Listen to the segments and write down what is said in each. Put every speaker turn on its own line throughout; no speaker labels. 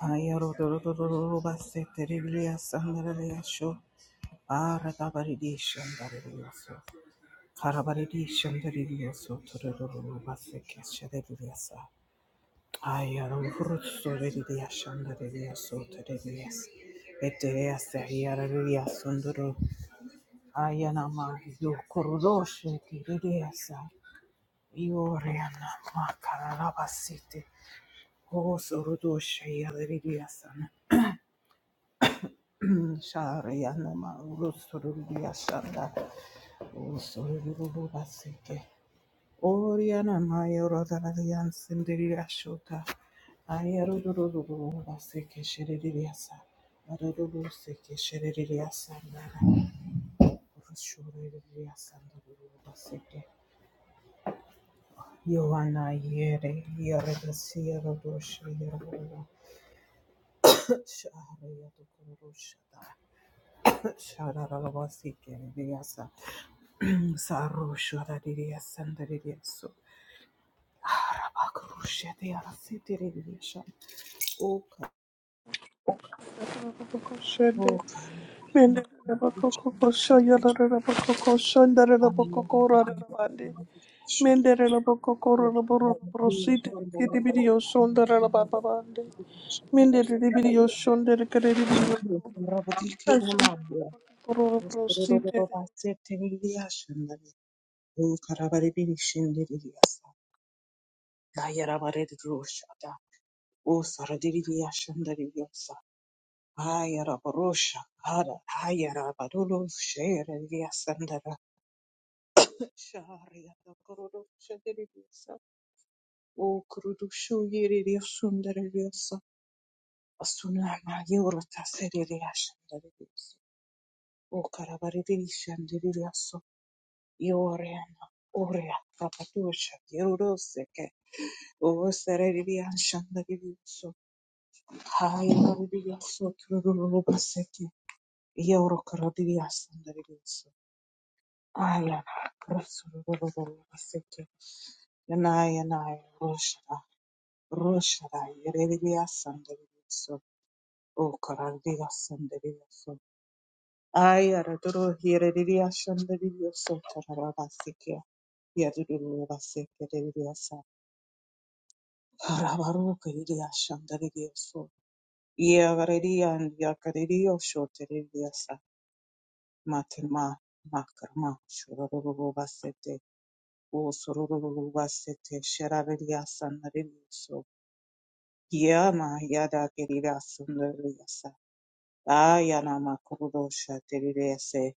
Ayana ma kararabasete. O sorodosha yadriya san. Shariana Marusurudia Shanda Usururu Basike Oriana Mayorodarian Sindiria Shota Ayaruduru Basike Sheridiasa Aruduru Sike Sheridia Sandara Urshuria Sanduru Basike Yoana Yere Yeresia Rodosha Yeroda Sharia Dukurusha Shara Basike Sarusha da diria sanda diria so. Arabakurusha de arasiti diria shan. Oka.
Shende,
Oka
mende rere
mabadiliko
bakoko kosha yala rere bakoko shanda rere bakoko rara
anayoyapata
bande.
mabadilisho
Mende rere bakoko rara
oka
boro boro siti
mabadiliko ambayo
kiti video shonda rara baba bande. Mende rere video shonda rere kere video.
mabadiliko
Ashanda rere
yanamabwa
bakoko rara boro siti.
usorororobasyeterilyashindana ukarabaribirishindirilyasa nayarabaririrushada usaradiriyashandariyosa Ayarabarusha, Ada, Ayarabarulu, Sherelia Sandara, Sharia, the Kurudusha, Diriasa, O Kurudushu, Yiridia Sundariliasa, Asunama, Yurta, Serilia Shandarilis, O Karabaridish and Diriaso, Yoriana, Oria, Rapatusha, Yuroseke, O Serelia Shandarilis, Ayarabiaso, Kurubaseki, Yorokaradias and Dirilis. Ayana Rasuruseke Yanayana Roshada Roshada Yerelia Sanderiso O Corandia Sanderiso Ayara Duro Yerelia Sanderiso Tarabasikia Yadurula Seke Deliasa Ravaruka Yeria Sanderiso Yavaria and Yakario Shoteriasa Matima Makarma Shurubasete O sororororo basete şerareliya sanlareliyoso. Yama yada gerira sanlareliyasa. Ayanama kuruluşa terileyase.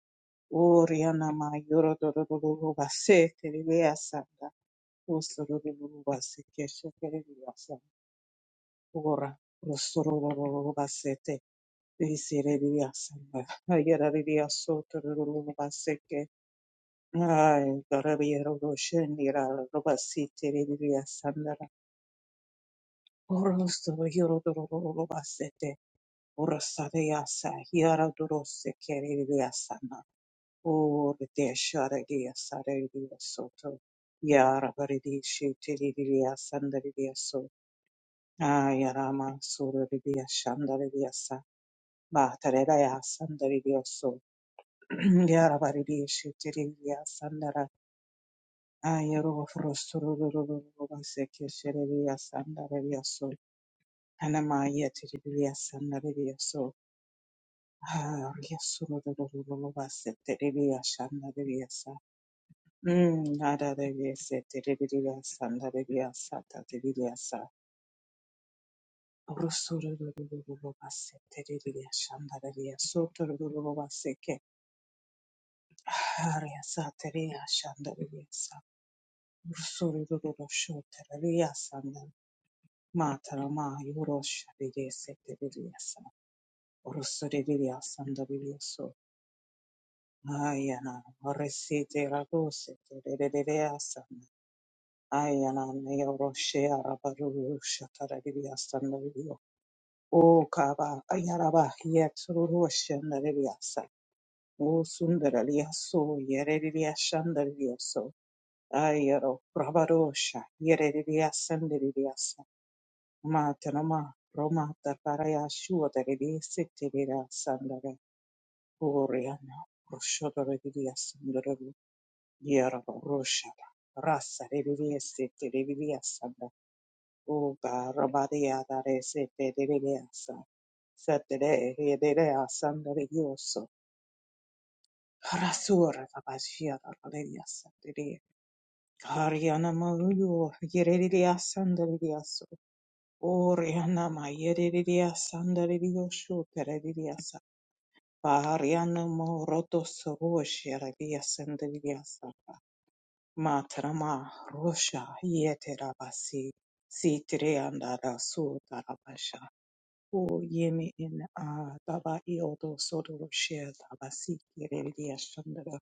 Oriyanama yorodorororo base terileyasanda. O sororororo base keşereliyasa. Ora o sororororo basete. Visereliyasanda. Ayarareliyaso tororororo baseke. Ay, garabiyero roşen lira robasi terileyasanda. Orosoro hirotorororobasete. Orosareyasa hiaradorose kerereyasana. Oretesharereyasarereyasoto. Yarabaredesheterereyasandariyaso. Ayarama surari yasandari yasa sorereyashandariyasa. Batarerayasandariyso. Yarabaredesheterereyasandara. Ayaroforosorosorobase keshereriyasandarariyaso. Anamaya tereriyasandarariyaso. Ah, Ah, yes, yes, The The the the shanda, to be a sa. Hmm, nada to be set to be a shanda, to be a sa, ta to be a sa. Russo the Lord was set to be a shanda, to be a so to the Lord was set to. Ah, yes, sa to be a shanda, Hmm, nada, Matara ma yoro shabiri setiriri yasa. Orosori yasa Ayana Resite Rabose Asana Ayana Neoroshe Arabaru Shatarabiasana O Kaba Ayaraba Yet Rushanabiasa O Sundaraliaso Yerediashandariaso Ayaro Rabarosha Yerediasandariasa Matanama Roma Tarparaya Shuataribi Sitira Sandara Oriana Roshodaribiasandara Yarabosha, Rasa, Rivia, Sete, Rivia, Sanda, Uga, Rabadia, Dare, Sete, Rivia, Satere, Hedera, Sanda, Yoso, Rasura, Tabasia, Rivia, Satere, Kariana Maruyo, Yeredia, Sanda, Riviaso, Oriana, my Yeredia, Sanda, Rivioso, Peredia, Pariano Moroto Soroshi, Rivia, Sanda, Riviasa Matrama Rosha Yeterabasi Sitriandara Sudarabasha O Yemi in Daba Iodo Sodoroshe Dabasi Yerelia Shandara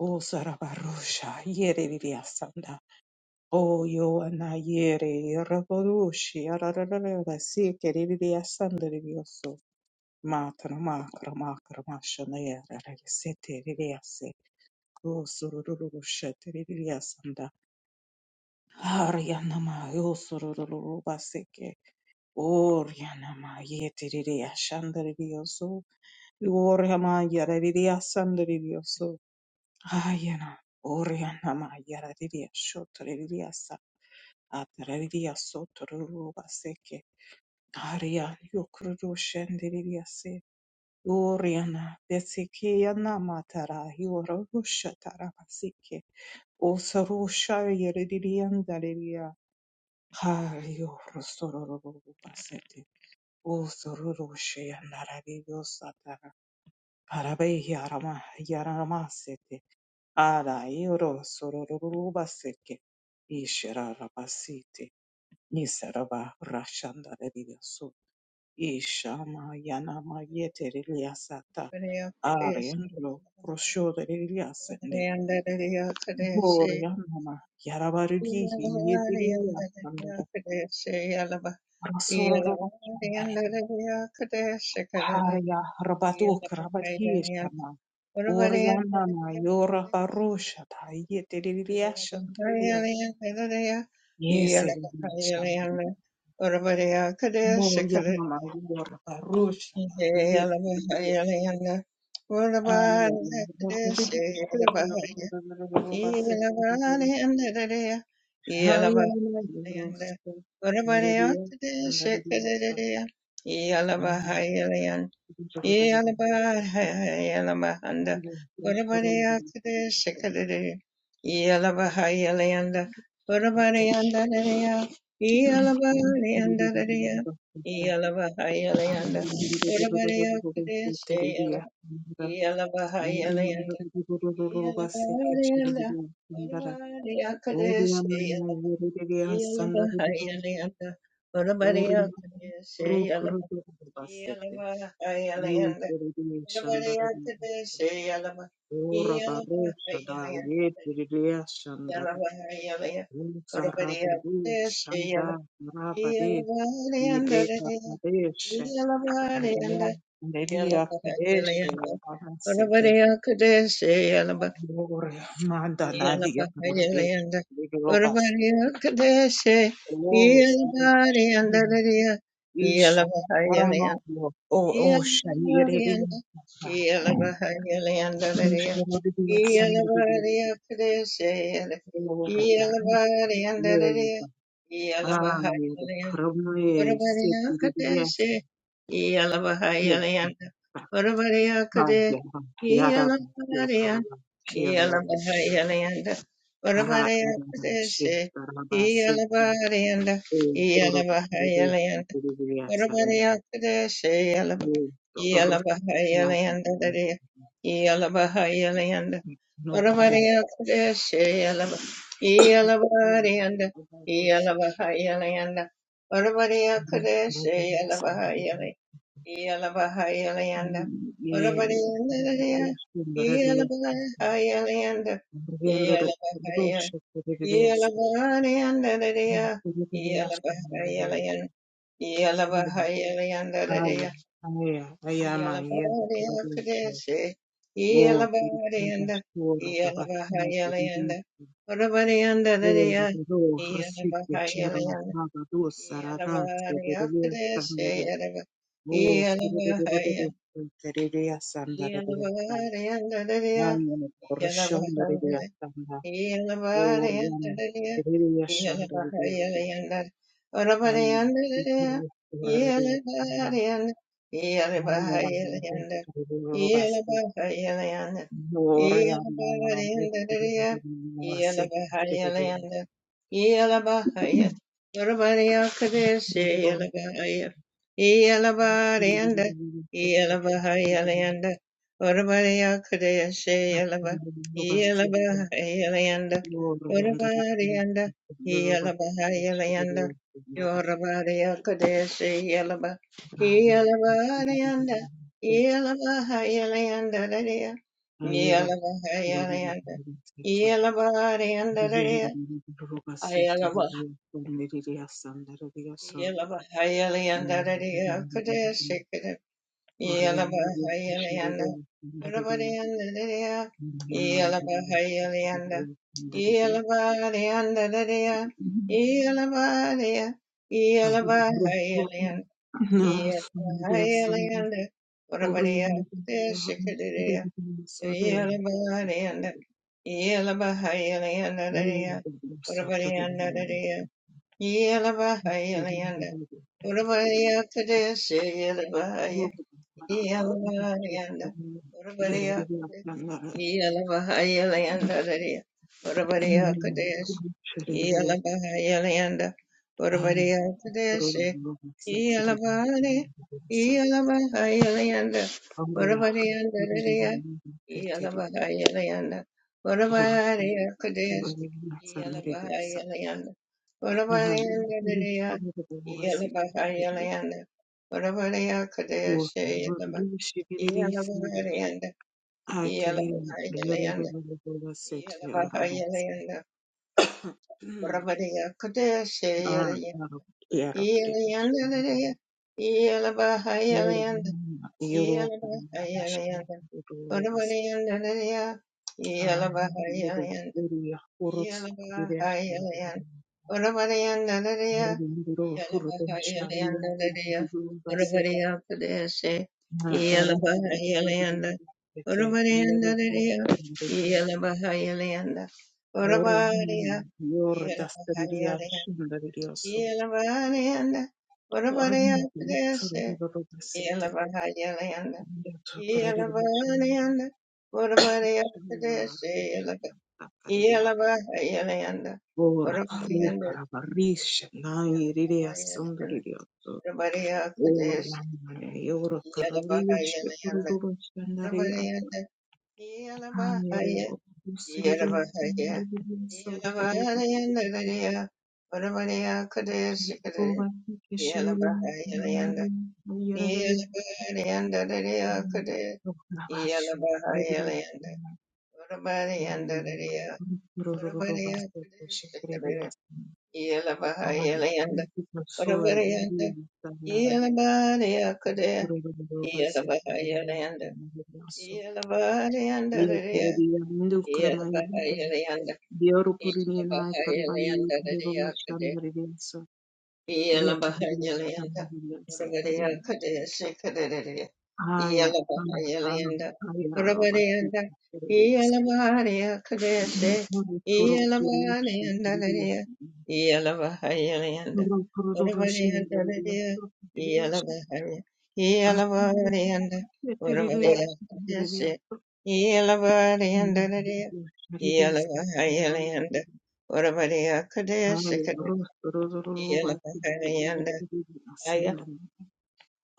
O Sarabarosha Yerelia Sanda O Yoana Yere Rabarushi Ararabasi Kerelia Sandarioso Matrama Krama Krama Shanaya Sete Riliase O Sururusha Arianama yosororo baseke. Orianama yeteriria shandarioso. Oriama yarariria sandarioso. Ayana. Orianama yarariria shotoriria sa. Atrariria sotororo baseke. Aria yokururu shandariria se. Oriana beseke yanama tara yororusha tara baseke. Osarusha yarariria Hayo rosororo basete. O sororo shea narabiyo satara. Parabe yarama yarama sete. Ara yoro sororo baseke. Ishera rabasite. Nisaraba rashanda rebiyo so. Ishama yanama yetere liasata.
Maria Kadesh, Maria
Ariandro prosho de liasende.
Kadesh, Maria
Borianama yarabari yetere liasandra.
Kadesh, Yalaba,
Rosororo
Yalaba, Kadesh, Kadadi,
Harya Rabadok
Yalaba, Yalaba,
Rabadishana
Urabari, Yalaba,
Uryanana Yora Baroshata Yetiriyashandriyo
Yalaba, Yalaba,
Yeseriyashandriyo
Urabari, Kadesh, Kadadi,
Moyanana Yora Baroshata
Yalaba,
Yetiriyo
Yalaba, Urabari, Kadesh, Yalaba,
Ayana Ora
Yalabahayalanda, yeah,
Nelia Kadesh Bahasete Glory, Manda Nadia, Glory,
Yalabahayalanda,
Globas,
Urvariyakadeshe,
Oh,
Yalabariyandadariya,
Isha,
Yalabahayalayanda,
Paramahlo, Oh, Oh, Shayiri,
Yalabariyanda, Yalabahayalayandadariya,
Krishna, Sandri,
Yalabariyakadeshe,
Ora,
Yalabariyandadariya,
Yoga,
Yalabahayalayanda.
Ayada, Krame, Siti, Yes,
Orabariakadeshe, Yalabahayalianda, Orabariakade,
Yada,
Yalabarianda,
Yakarana, Shiandar,
Yalabahayalianda,
Hara, Ara,
Orabariakadeshe,
Shikarabasi,
Yalabarianda,
Oh, Toro, Toro,
Yalabahayalianda,
Toro,
yeah,
Sand. Oh, Toro, No, Ram. Avarosh, Sand. Ye, Maradia, Riandoro, Rosh, Toro, Toro, Sand.
yeah.
Aya, Aya, Ayama, Aya, Toro, Oh, Toro, Toro, Toro, oh, Rosique Shara Magado Sarana Sederia oh, O Sederia Sederia Sandaria Ayan Corshon, Delia, Sandra, oh, Sanda Orian
Yelabahayalanda,
Sederia Shandaria
Yelabahayalanda,
Ayan Ikari Oraria Sanda Ayan Delia, Robaste, oh, Orian Nama Robasta Sederia
Orabariya
Sederia Oriana
Kadeshe Yelabahayalayanda, Urabadiyanda, Yelabahayalayanda, Yorabadiyakadeshi, Yelaba, Yelabadiyanda, Yelabahayalayanda, Dadaya, Yelabahayalayanda, Yelabadiyanda, Dadaya, Ayalaba, Yelabahayalayanda, Dadaya, Kadeshi, Yalabahayalanda. Yalabadayanda dadaya. Yalabahayalanda. Yalabadayanda dadaya. Yalabadaya. Yalabahayalanda. Yalabahayalanda. Orabadaya
Oriented
kadeshikadadaya.
Sodai
Yalabadayanda. Yalabahayalanda dadaya. Orabadayanda dadaya. Yalabahayalanda. Orabadaya kadeshikadadaya. Iyalabariyanda, Urabariyakude, Iyalabahayalayandadariya, Urabariyakudesh, Iyalabahayalayanda,
Yerevia
Urabariyakudesh, Iyalabari, Iyalabahayalayanda, Urabariyandadariya, Iyalabahayalayanda, Urabariyakudesh, Iyalabahayalayanda, Urabariyandadariya, Iyalabahayalayanda,
Wo-
Urabariyakudesh,
Vurimi shibiriri sindasha.
Iyalabahariyanda,
Akirira
Iyalabahariyanda,
yorororo robo seti aramu.
Iyalabahariyanda, Vrabadiya
Ah,
Kudeshayalaya,
ah, yarakire.
Iyalayandalaya, Iyalabahariyanda,
Yorororo yorororo nabashi
Iyalabahariyanda,
yorororo bas.
Vrabadiyandalaya,
Aramu yorororo
Iyalabahariyanda,
yoriya horotsu
Yeah.
kirira shandiri. Yorororo horotem shavira yorororo base. Ah, aramu yorororo bete yorororo. Orin yor dastariria shundarioso. Orin sorororo besete. Yato korerida shundarioso. Marinche dastariria.
Iyalaba Yelabahayalayanda,
Ora parre
Orabayanda,
carabarrisce. Nai riria
Yelabahayalayanda,
sundarioso.
Orabariya Kudesh,
Orin yor cararisce.
Yelabahayalayanda,
Korororo shundarioso.
Orabariyanda, Yelabahaya,
Anero dustariria
Yelabahaya, Iyalaba iya
shundarioso.
iyalaba
Tororo.
Iyalayanda Orabariya orabariya
I
Kudesh,
am
Kudesh, Yelabahayalayanda, Yelabahayalayanda, Rariya Kudesh, iyalaba Iyalayanda Orabariyanda, Rariya, Orabariya Kudesh, Kudesh, iyalaba iyalayanda Paravarayanda, Yelavaraya Kadaya, Yelavarayanda, Yelavarayanda Raya, Yelavarayanda, Yelavarayanda Raya
a
Iyalabahayalanda, Urabadiya
man.
Kadesi Kadadadiya,
Haya mara
Iyalabahayalanda,
haya robati
Urabadiyanda,
areas
Iyalabahariya Kadesi,
moro toro urushi
Iyalabahanayanda
tiriria
Dadiya, Iyalabahayalanda,
moro toro doroshi
Urabadiyanda
andariria
Dadiya,
toro tiriria
Iyalabahariya, Iyalabahanayanda,
tiriria
Urabadiya Kadesi,
tiriria
Iyalabahanayanda Dadiya,
tiriria
Iyalabahayalanda, Urabadiya
haya
Kadesi
rosto rosto
Ila
robati
Bhagavanda
tiriria
Haya,
sanam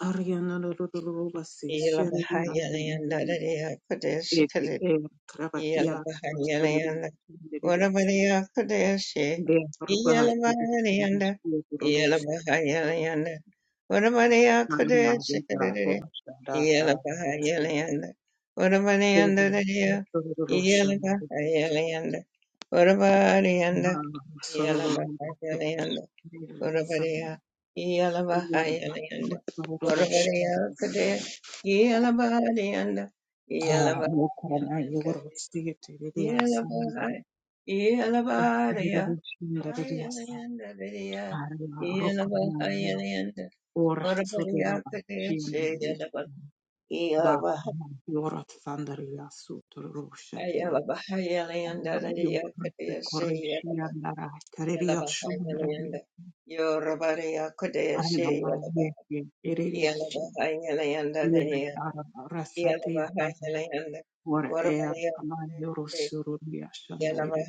ariana rosto robati
Ila
shariria
Bhagavanda
tiriria
Haya, Kudeshi
eti
Kudeshi,
e traba
Ila
ia rosto
Bhagavanda,
tiriria
Urabadiya Kudeshi,
Mbega
Ila
rwacyo
Bhagavanda, Ila
rurusi
Bhagavanda, Urabadiya
maramaya
Kudeshi Kudeshi,
rushanda
Ila
haramutse
Bhagavanda, Urabadiyanda Haya, Ila
rushanda
Bhagavanda, Urabadiyanda,
nta musoro
Ila
rurutse
Bhagavanda,
rushanda
Urabarea, Yalavahayalayanda, Urabarea Kadea, Yalavahayanda,
nuko
Yalavahayalayanda,
amayobora rusigaye yasamye
Yalavahay, Yalavarea,
rushinda ririya sa
Hayalayanda, Vidya,
rukora
Yalavahayalayanda,
ora
Urabarea
surura
Kadea, Shayalava,
va Jorot Sandaria Sutrusha de
Yalavahayalayanda, Vidya
Yokrasi
Kadea,
Koreshia
Shayalava,
Nara Kareria Shumeria
Yalavahayalayanda, Yorabarea Kadea,
Anama
Shayalava,
Yeki
Yeah.
Eririashi Ere Araba Rasati Araba Or Air Ama Yorosururia Shandaria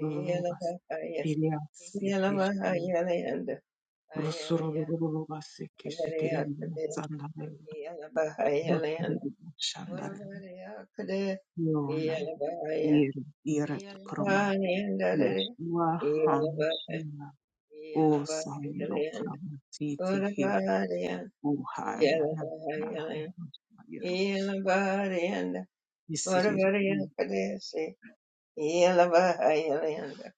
Rubas Tiria Sekishima Rusurubas Sekishikirin Sandaria Shandar Yona Yer Yeret Kroma Yeshua HaMashiach, O Sayo Kamatite He, O Hayana Yaros,
Ilavariyanda,
Yisrael
Uravariyapadesi, Ilavahayalayanda,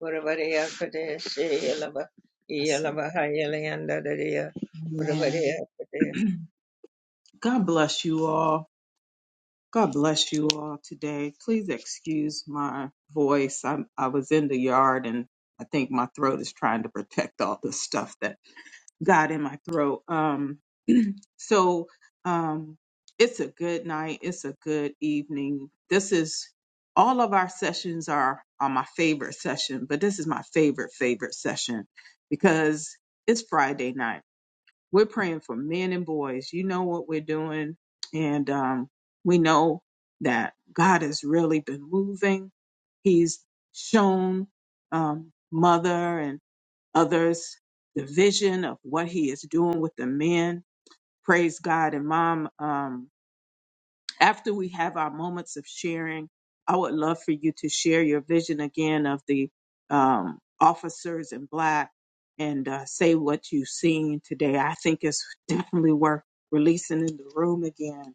Uravariyapadesi, Ilava,
Yasu.
Ilavahayalayanda, Dadiya,
Amen.
Uravariyapadesi.
God bless you all. God bless you all today. Please excuse my voice. I'm, I was in the yard and I think my throat is trying to protect all the stuff that God in my throat. Um, so um, it's a good night. It's a good evening. This is all of our sessions are are my favorite session, but this is my favorite favorite session because it's Friday night. We're praying for men and boys. You know what we're doing, and um, we know that God has really been moving. He's shown um, mother others the vision of what he is doing with the men. Praise God. And mom, um, after we have our moments of sharing, I would love for you to share your vision again of the um, officers in black and uh, say what you've seen today. I think it's definitely worth releasing in the room again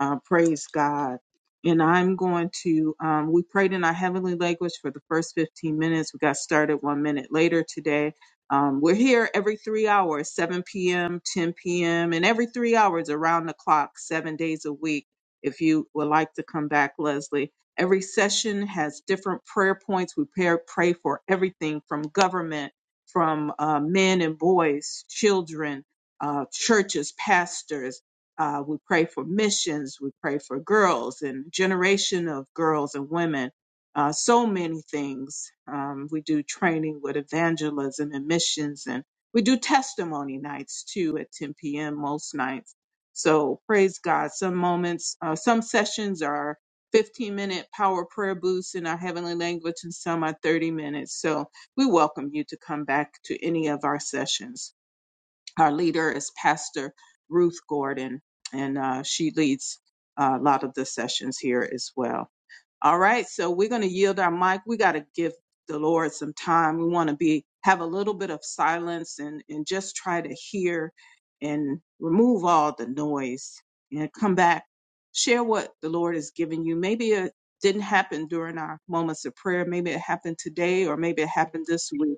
uh, praise God. And I'm going to, um, we prayed in our heavenly language for the first 15 minutes. We got started one minute later today. Um, we're here every three hours, 7 p.m., 10 p.m., and every three hours around the clock, seven days a week. If you would like to come back, Leslie, every session has different prayer points. We pray, pray for everything from government, from uh, men and boys, children, uh, churches, pastors uh, we pray for missions. We pray for girls and generation of girls and women. Uh, so many things. Um, we do training with evangelism and missions, and we do testimony nights too at 10 p.m. most nights. So praise God. Some moments, uh, some sessions are 15 minute power prayer boosts in our heavenly language, and some are 30 minutes. So we welcome you to come back to any of our sessions. Our leader is Pastor Ruth Gordon, and uh, she leads uh, a lot of the sessions here as well. All right, so we're going to yield our mic. We got to give the Lord some time. We want to be have a little bit of silence and and just try to hear and remove all the noise and come back. Share what the Lord has given you. Maybe it didn't happen during our moments of prayer. Maybe it happened today, or maybe it happened this week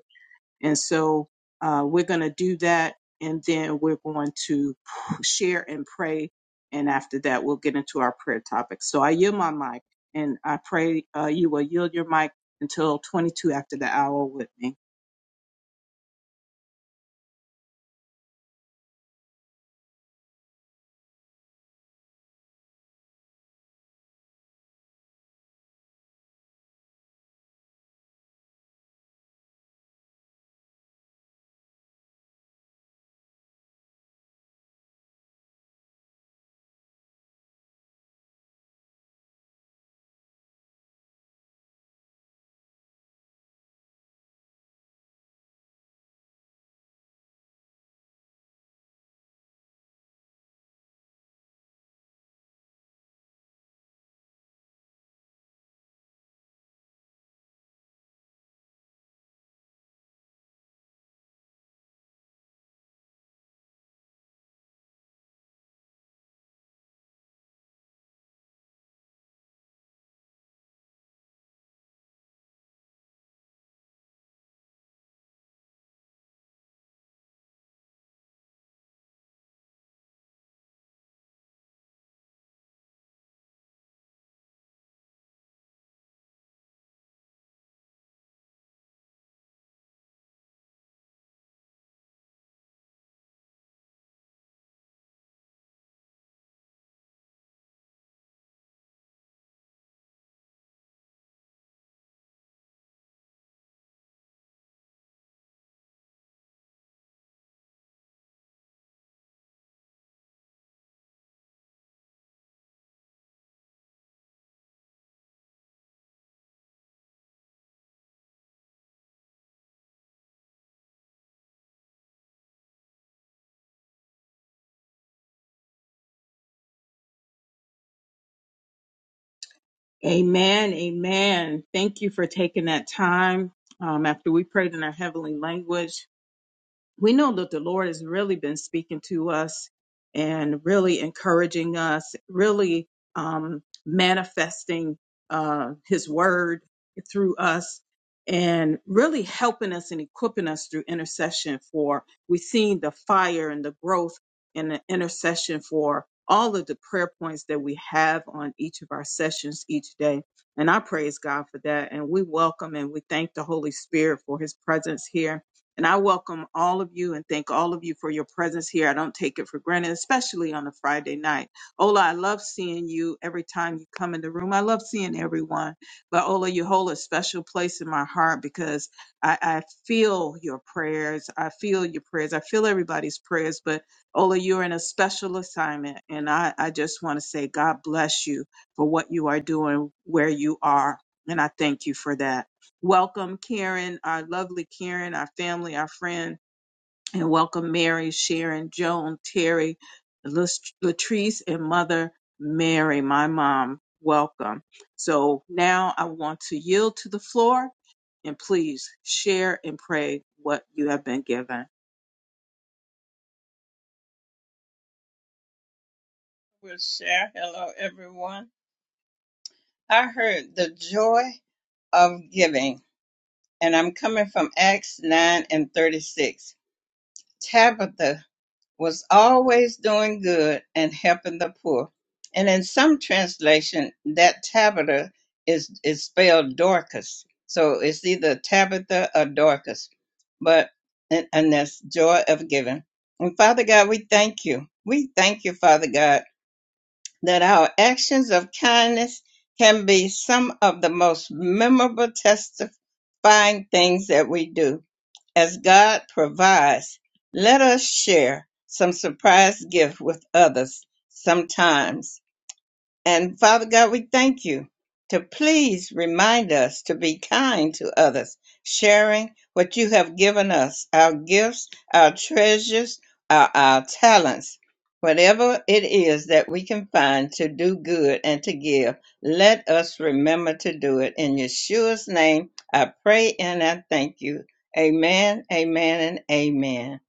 and so uh, we're going to do that. And then we're going to share and pray. And after that, we'll get into our prayer topic. So I yield my mic and I pray uh, you will yield your mic until 22 after the hour with me. Amen. Amen. Thank you for taking that time um, after we prayed in our heavenly language. we know that the Lord has really been speaking to us and really encouraging us, really um, manifesting uh, His word through us, and really helping us and equipping us through intercession. For we've seen the fire and the growth and the intercession for all of the prayer points that we have on each of our sessions each day. And I praise God for that. And we welcome and we thank the Holy Spirit for His presence here and I welcome all of you and thank all of you for your presence here. I don't take it for granted, especially on a Friday night. Ola, I love seeing you every time you come in the room. I love seeing everyone. But Ola, you hold a special place in my heart because I, I feel your prayers. I feel your prayers. I feel everybody's prayers. But Ola, you're in a special assignment. And I, I just want to say, God bless you for what you are doing, where you are. And I thank you for that. Welcome, Karen, our lovely Karen, our family, our friend, and welcome Mary, Sharon, Joan, Terry, Lat- Latrice, and Mother Mary, my mom. Welcome. So now I want to yield to the floor and please share and pray what you have been given.
We'll share. Hello, everyone. I heard the joy of giving, and I'm coming from Acts 9 and 36. Tabitha was always doing good and helping the poor. And in some translation, that Tabitha is, is spelled Dorcas. So it's either Tabitha or Dorcas, but, and, and that's joy of giving. And Father God, we thank you. We thank you, Father God, that our actions of kindness can be some of the most memorable testifying things that we do. As God provides, let us share some surprise gift with others sometimes. And Father God, we thank you to please remind us to be kind to others, sharing what you have given us our gifts, our treasures, our, our talents, whatever it is that we can find to do good and to give. Let us remember to do it. In Yeshua's name, I pray and I thank you. Amen, amen, and amen.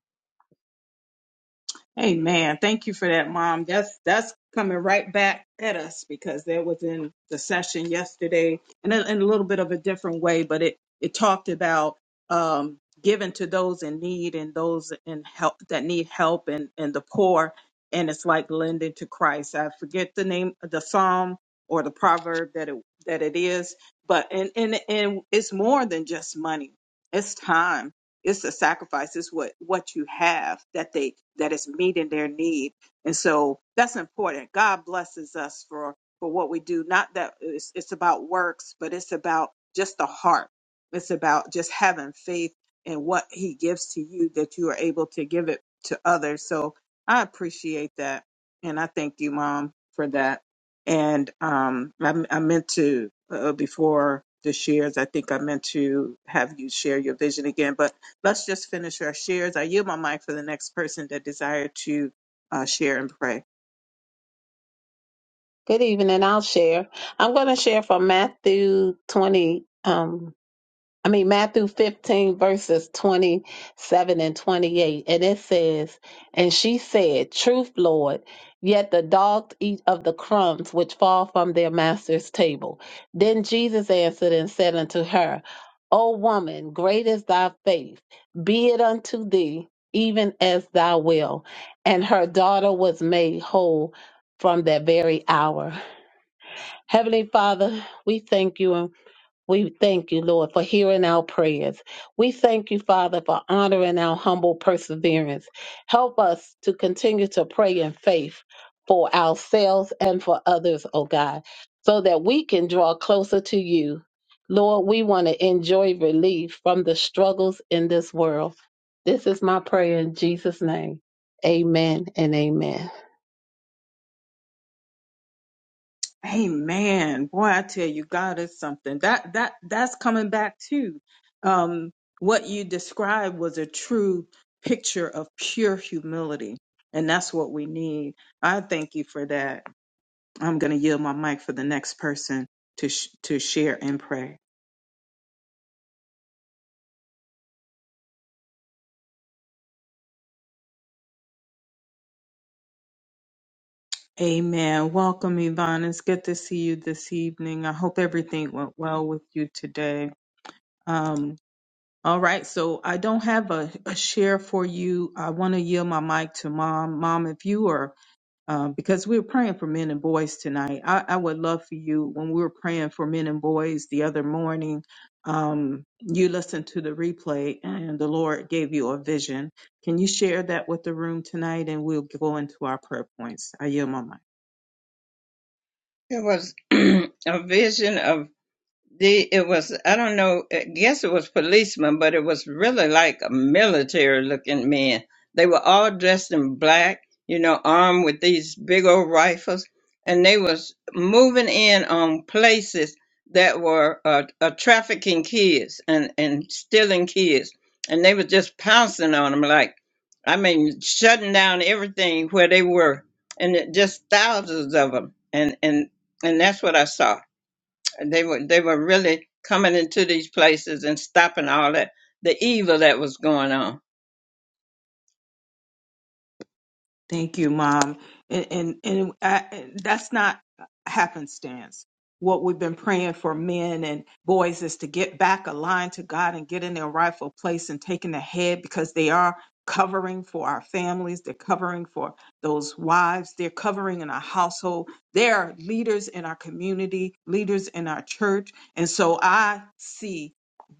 Hey man, thank you for that, Mom. That's that's coming right back at us because that was in the session yesterday, and in, in a little bit of a different way, but it it talked about um, giving to those in need and those in help that need help and and the poor, and it's like lending to Christ. I forget the name, of the psalm or the proverb that it that it is, but and and and it's more than just money. It's time it's a sacrifice it's what what you have that they that is meeting their need and so that's important god blesses us for for what we do not that it's, it's about works but it's about just the heart it's about just having faith in what he gives to you that you are able to give it to others so i appreciate that and i thank you mom for that and um i, I meant to uh, before the shares i think i meant to have you share your vision again but Let's just finish our shares. I yield my mic for the next person that desire to uh, share and pray.
Good evening. I'll share. I'm going to share from Matthew 20, um, I mean, Matthew 15, verses 27 and 28. And it says, And she said, 'Truth, Lord, yet the dogs eat of the crumbs which fall from their master's table. Then Jesus answered and said unto her, O woman, great is thy faith. Be it unto thee, even as thou wilt. And her daughter was made whole from that very hour. Heavenly Father, we thank you and we thank you, Lord, for hearing our prayers. We thank you, Father, for honoring our humble perseverance. Help us to continue to pray in faith for ourselves and for others, oh God, so that we can draw closer to you. Lord, we want to enjoy relief from the struggles in this world. This is my prayer in Jesus' name. Amen and amen.
Amen. Boy, I tell you, God is something. That that that's coming back too. Um, what you described was a true picture of pure humility, and that's what we need. I thank you for that. I'm going to yield my mic for the next person to sh- to share and pray. Amen. Welcome, Yvonne. It's good to see you this evening. I hope everything went well with you today. Um, all right, so I don't have a, a share for you. I want to yield my mic to mom. Mom, if you are, um, because we're praying for men and boys tonight, I, I would love for you when we were praying for men and boys the other morning. Um, you listened to the replay and the Lord gave you a vision. Can you share that with the room tonight? And we'll go into our prayer points. I yield my mic.
It was a vision of the it was I don't know I guess it was policemen, but it was really like a military looking men. They were all dressed in black, you know, armed with these big old rifles, and they was moving in on places that were uh, uh, trafficking kids and and stealing kids, and they was just pouncing on them like, I mean, shutting down everything where they were, and it, just thousands of them, and and and that's what I saw and they were they were really coming into these places and stopping all that the evil that was going on.
Thank you, Mom. And and, and, I, and that's not happenstance. What we've been praying for men and boys is to get back aligned to God and get in their rightful place and taking the head because they are covering for our families. They're covering for those wives. They're covering in our household. They're leaders in our community, leaders in our church. And so I see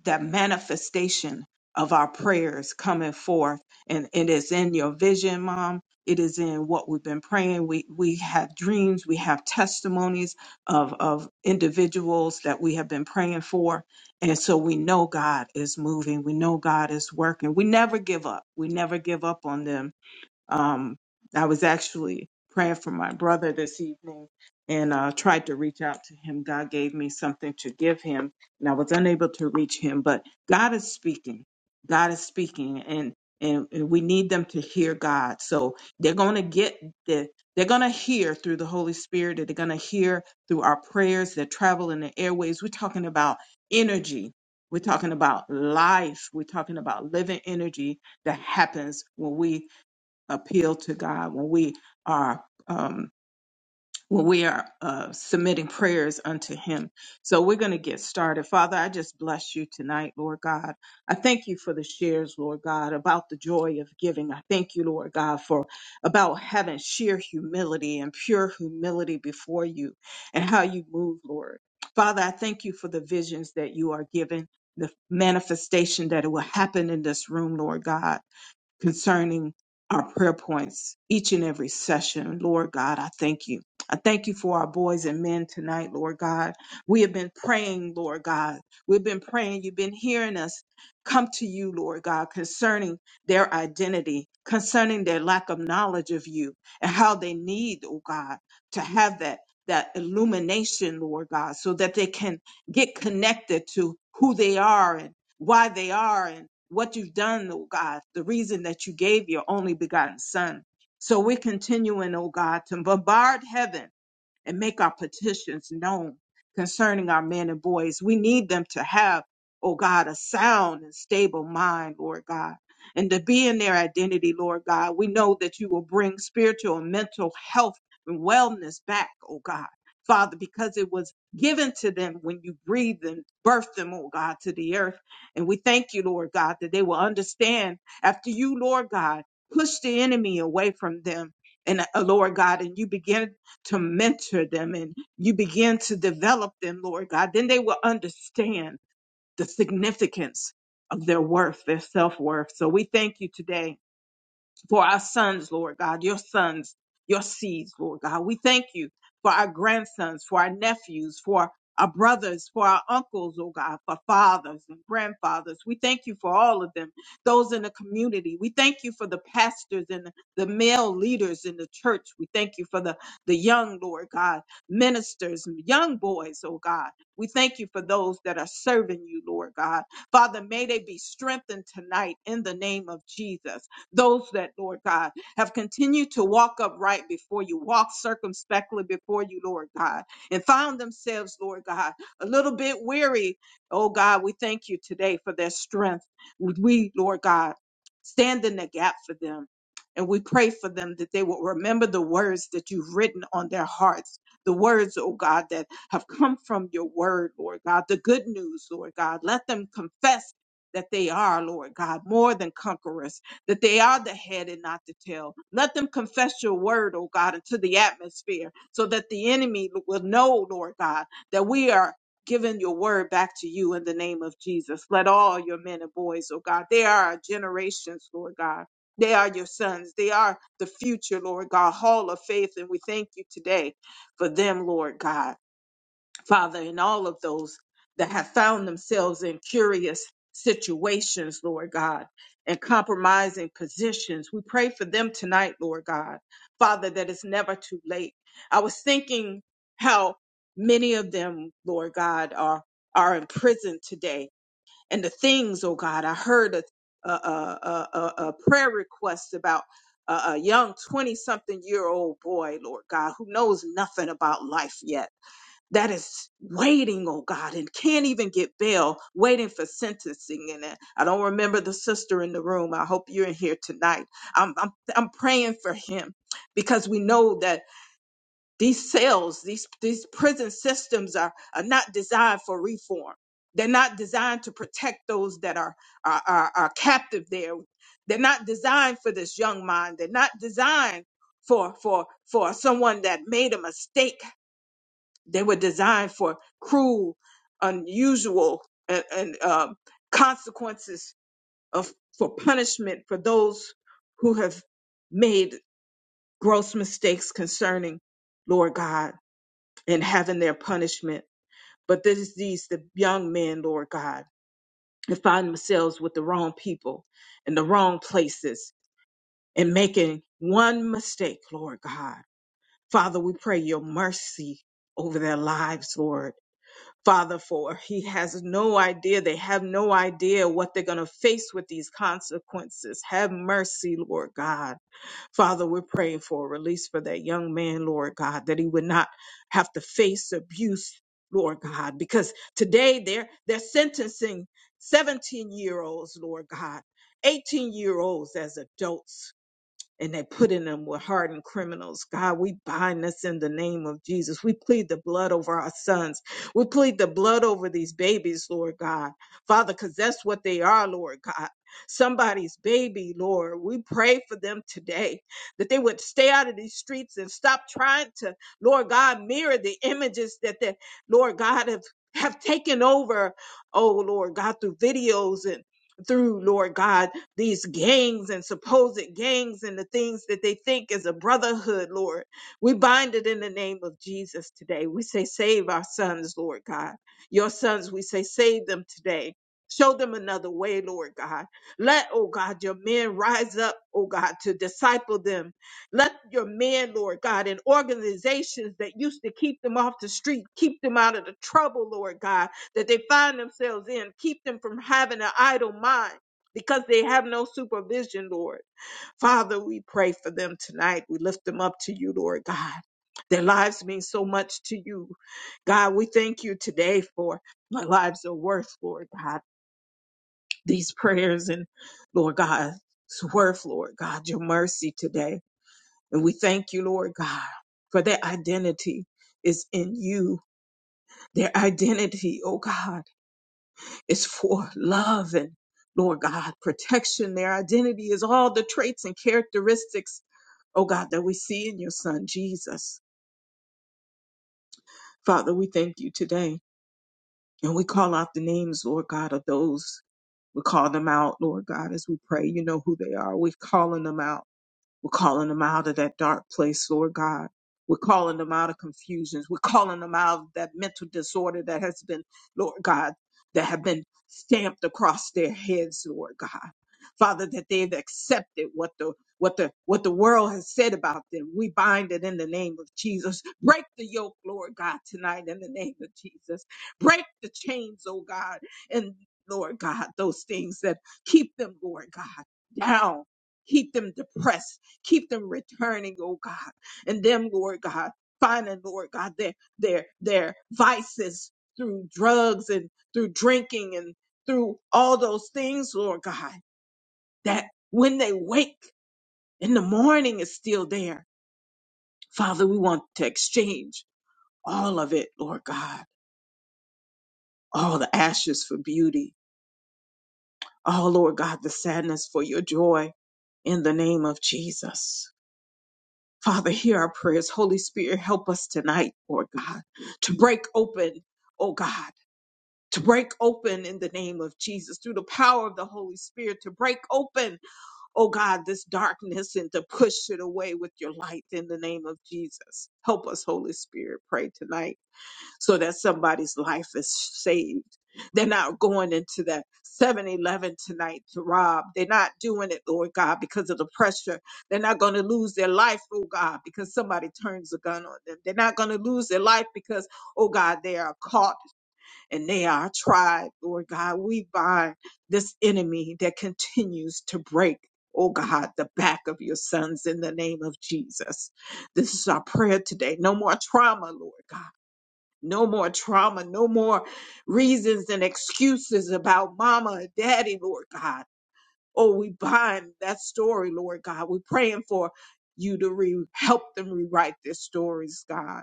that manifestation of our prayers coming forth. And it is in your vision, Mom it is in what we've been praying. We we have dreams. We have testimonies of of individuals that we have been praying for, and so we know God is moving. We know God is working. We never give up. We never give up on them um, I was actually praying for my brother this evening and uh, tried to reach out to him. God gave me something to give him, and I was unable to reach him. But God is speaking. God is speaking, and and, and we need them to hear God. So they're going to get the. They're going to hear through the Holy Spirit, and they're going to hear through our prayers that travel in the airways. We're talking about energy. We're talking about life. We're talking about living energy that happens when we appeal to God when we are um, when we are uh, submitting prayers unto Him. So we're going to get started. Father, I just bless you tonight, Lord God. I thank you for the shares, Lord God, about the joy of giving. I thank you, Lord God, for about having sheer humility and pure humility before you and how you move, Lord. Father, I thank you for the visions that you are giving, the manifestation that it will happen in this room, Lord God concerning our prayer points each and every session. Lord God, I thank you. I thank you for our boys and men tonight, Lord God. We have been praying, Lord God. We've been praying. You've been hearing us come to you, Lord God, concerning their identity, concerning their lack of knowledge of you, and how they need, oh God, to have that that illumination, Lord God, so that they can get connected to who they are why they are and what you've done, oh God, the reason that you gave your only begotten Son. So we're continuing, oh God, to bombard heaven and make our petitions known concerning our men and boys. We need them to have, oh God, a sound and stable mind, Lord God, and to be in their identity, Lord God. We know that you will bring spiritual and mental health and wellness back, oh God. Father, because it was given to them when you breathed and birthed them, oh God, to the earth. And we thank you, Lord God, that they will understand after you, Lord God, push the enemy away from them. And uh, Lord God, and you begin to mentor them and you begin to develop them, Lord God, then they will understand the significance of their worth, their self worth. So we thank you today for our sons, Lord God, your sons, your seeds, Lord God. We thank you for our grandsons, for our nephews, for our brothers, for our uncles, oh God, for fathers and grandfathers. We thank you for all of them, those in the community. We thank you for the pastors and the male leaders in the church. We thank you for the, the young, Lord God, ministers, young boys, oh God. We thank you for those that are serving you, Lord God. Father, may they be strengthened tonight in the name of Jesus. Those that, Lord God, have continued to walk upright before you, walk circumspectly before you, Lord God, and found themselves, Lord God, a little bit weary. Oh God, we thank you today for their strength. We, Lord God, stand in the gap for them. And we pray for them that they will remember the words that you've written on their hearts, the words, oh God, that have come from your word, Lord God, the good news, Lord God. Let them confess that they are, Lord God, more than conquerors that they are the head and not the tail. Let them confess your word, oh God, into the atmosphere so that the enemy will know, Lord God, that we are giving your word back to you in the name of Jesus. Let all your men and boys, oh God, they are our generations, Lord God. They are your sons. They are the future, Lord God, hall of faith. And we thank you today for them, Lord God. Father, and all of those that have found themselves in curious situations, Lord God, and compromising positions. We pray for them tonight, Lord God. Father, that it's never too late. I was thinking how many of them, Lord God, are are in prison today, and the things, oh God, I heard a a, a, a, a prayer request about a, a young 20 something year old boy, Lord God, who knows nothing about life yet that is waiting, oh God, and can't even get bail, waiting for sentencing. And uh, I don't remember the sister in the room. I hope you're in here tonight. I'm, I'm, I'm praying for him because we know that these cells, these, these prison systems are, are not designed for reform. They're not designed to protect those that are, are, are, are captive there. They're not designed for this young mind. They're not designed for, for, for someone that made a mistake they were designed for cruel, unusual, and, and um consequences of for punishment for those who have made gross mistakes concerning Lord God and having their punishment. But this is these the young men, Lord God, that find themselves with the wrong people in the wrong places and making one mistake, Lord God. Father, we pray your mercy over their lives, Lord father for. He has no idea. They have no idea what they're going to face with these consequences. Have mercy, Lord God. Father, we're praying for a release for that young man, Lord God, that he would not have to face abuse, Lord God, because today they're they're sentencing 17 year olds, Lord God, 18 year olds as adults and they put in them with hardened criminals. God, we bind this in the name of Jesus. We plead the blood over our sons. We plead the blood over these babies, Lord God. Father, because that's what they are, Lord God. Somebody's baby, Lord. We pray for them today that they would stay out of these streets and stop trying to, Lord God, mirror the images that the Lord God have, have taken over, oh Lord God, through videos and through, Lord God these gangs and supposed gangs and the things that they think is a brotherhood, Lord. We bind it in the name of Jesus today. We say, save our sons, Lord God. Your sons, we say, save them today. Show them another way, Lord God. Let, oh God, your men rise up, oh God, to disciple them. Let your men, Lord God, and organizations that used to keep them off the street, keep them out of the trouble, Lord God, that they find themselves in, keep them from having an idle mind because they have no supervision, Lord. Father, we pray for them tonight. We lift them up to you, Lord God. Their lives mean so much to you. God, we thank you today for my lives are worth, Lord God. These prayers and Lord God, it's worth, Lord God, your mercy today. And we thank you, Lord God, for their identity is in you. Their identity, oh God. It's for love and Lord God, protection. Their identity is all the traits and characteristics, oh God, that we see in your son, Jesus. Father, we thank you today and we call out the names, Lord God, of those. We call them out, Lord God, as we pray. You know who they are. We're calling them out. We're calling them out of that dark place, Lord God. We're calling them out of confusions. We're calling them out of that mental disorder that has been, Lord God, that have been stamped across their heads, Lord God. Father, that they've accepted what the what the what the world has said about them. We bind it in the name of Jesus. Break the yoke, Lord God, tonight in the name of Jesus. Break the chains, oh God, and Lord God, those things that keep them, Lord God, down keep them depressed Keep them returning, oh God, and them, Lord God, finding, Lord God, their their their vices through drugs and through drinking and through all those things, Lord God, that when they wake in the morning is still there. Father, we want to exchange all of it, Lord God, all the ashes for beauty. all, Lord God, the sadness for your joy in the name of Jesus. Father, hear our prayers. Holy Spirit, help us tonight, Lord God, to break open, oh God, to break open in the name of Jesus through the power of the Holy Spirit, to break open, oh God, this darkness and to push it away with your light in the name of Jesus. Help us, Holy Spirit, pray tonight so that somebody's life is saved. They're not going into that 7 Eleven tonight to rob. They're not doing it, Lord God, because of the pressure. They're not going to lose their life, oh God, because somebody turns a gun on them. They're not going to lose their life because, oh God, they are caught and they are tried, Lord God. We bind this enemy that continues to break. Oh God, the back of your sons in the name of Jesus. This is our prayer today. No more trauma, Lord God no more trauma, no more reasons and excuses about mama and daddy, Lord God. Oh, we bind that story, Lord God. We're praying for you to re- help them rewrite their stories, God.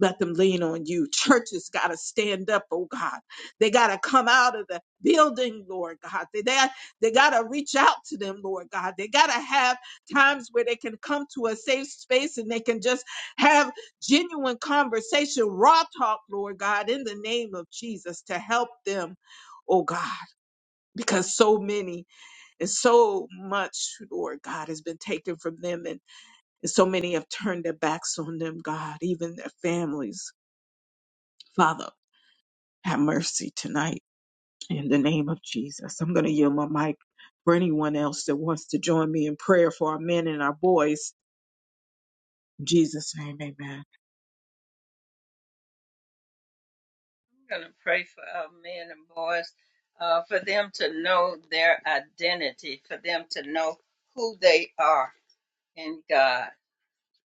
Let them lean on you. Churches got to stand up, oh God. They got to come out of the building, Lord God. They, they, they got to reach out to them, Lord God. They got to have times where they can come to a safe space and they can just have genuine conversation, raw talk, Lord God, in the name of Jesus to help them, oh God, because so many and so much, Lord God, has been taken from them and, and so many have turned their backs on them, God, even their families. Father. Have mercy tonight in the name of Jesus. I'm going to yield my mic for anyone else that wants to join me in prayer for our men and our boys. In Jesus' name, amen.
I'm gonna pray for our men and boys, uh, for them to know their identity, for them to know who they are in God.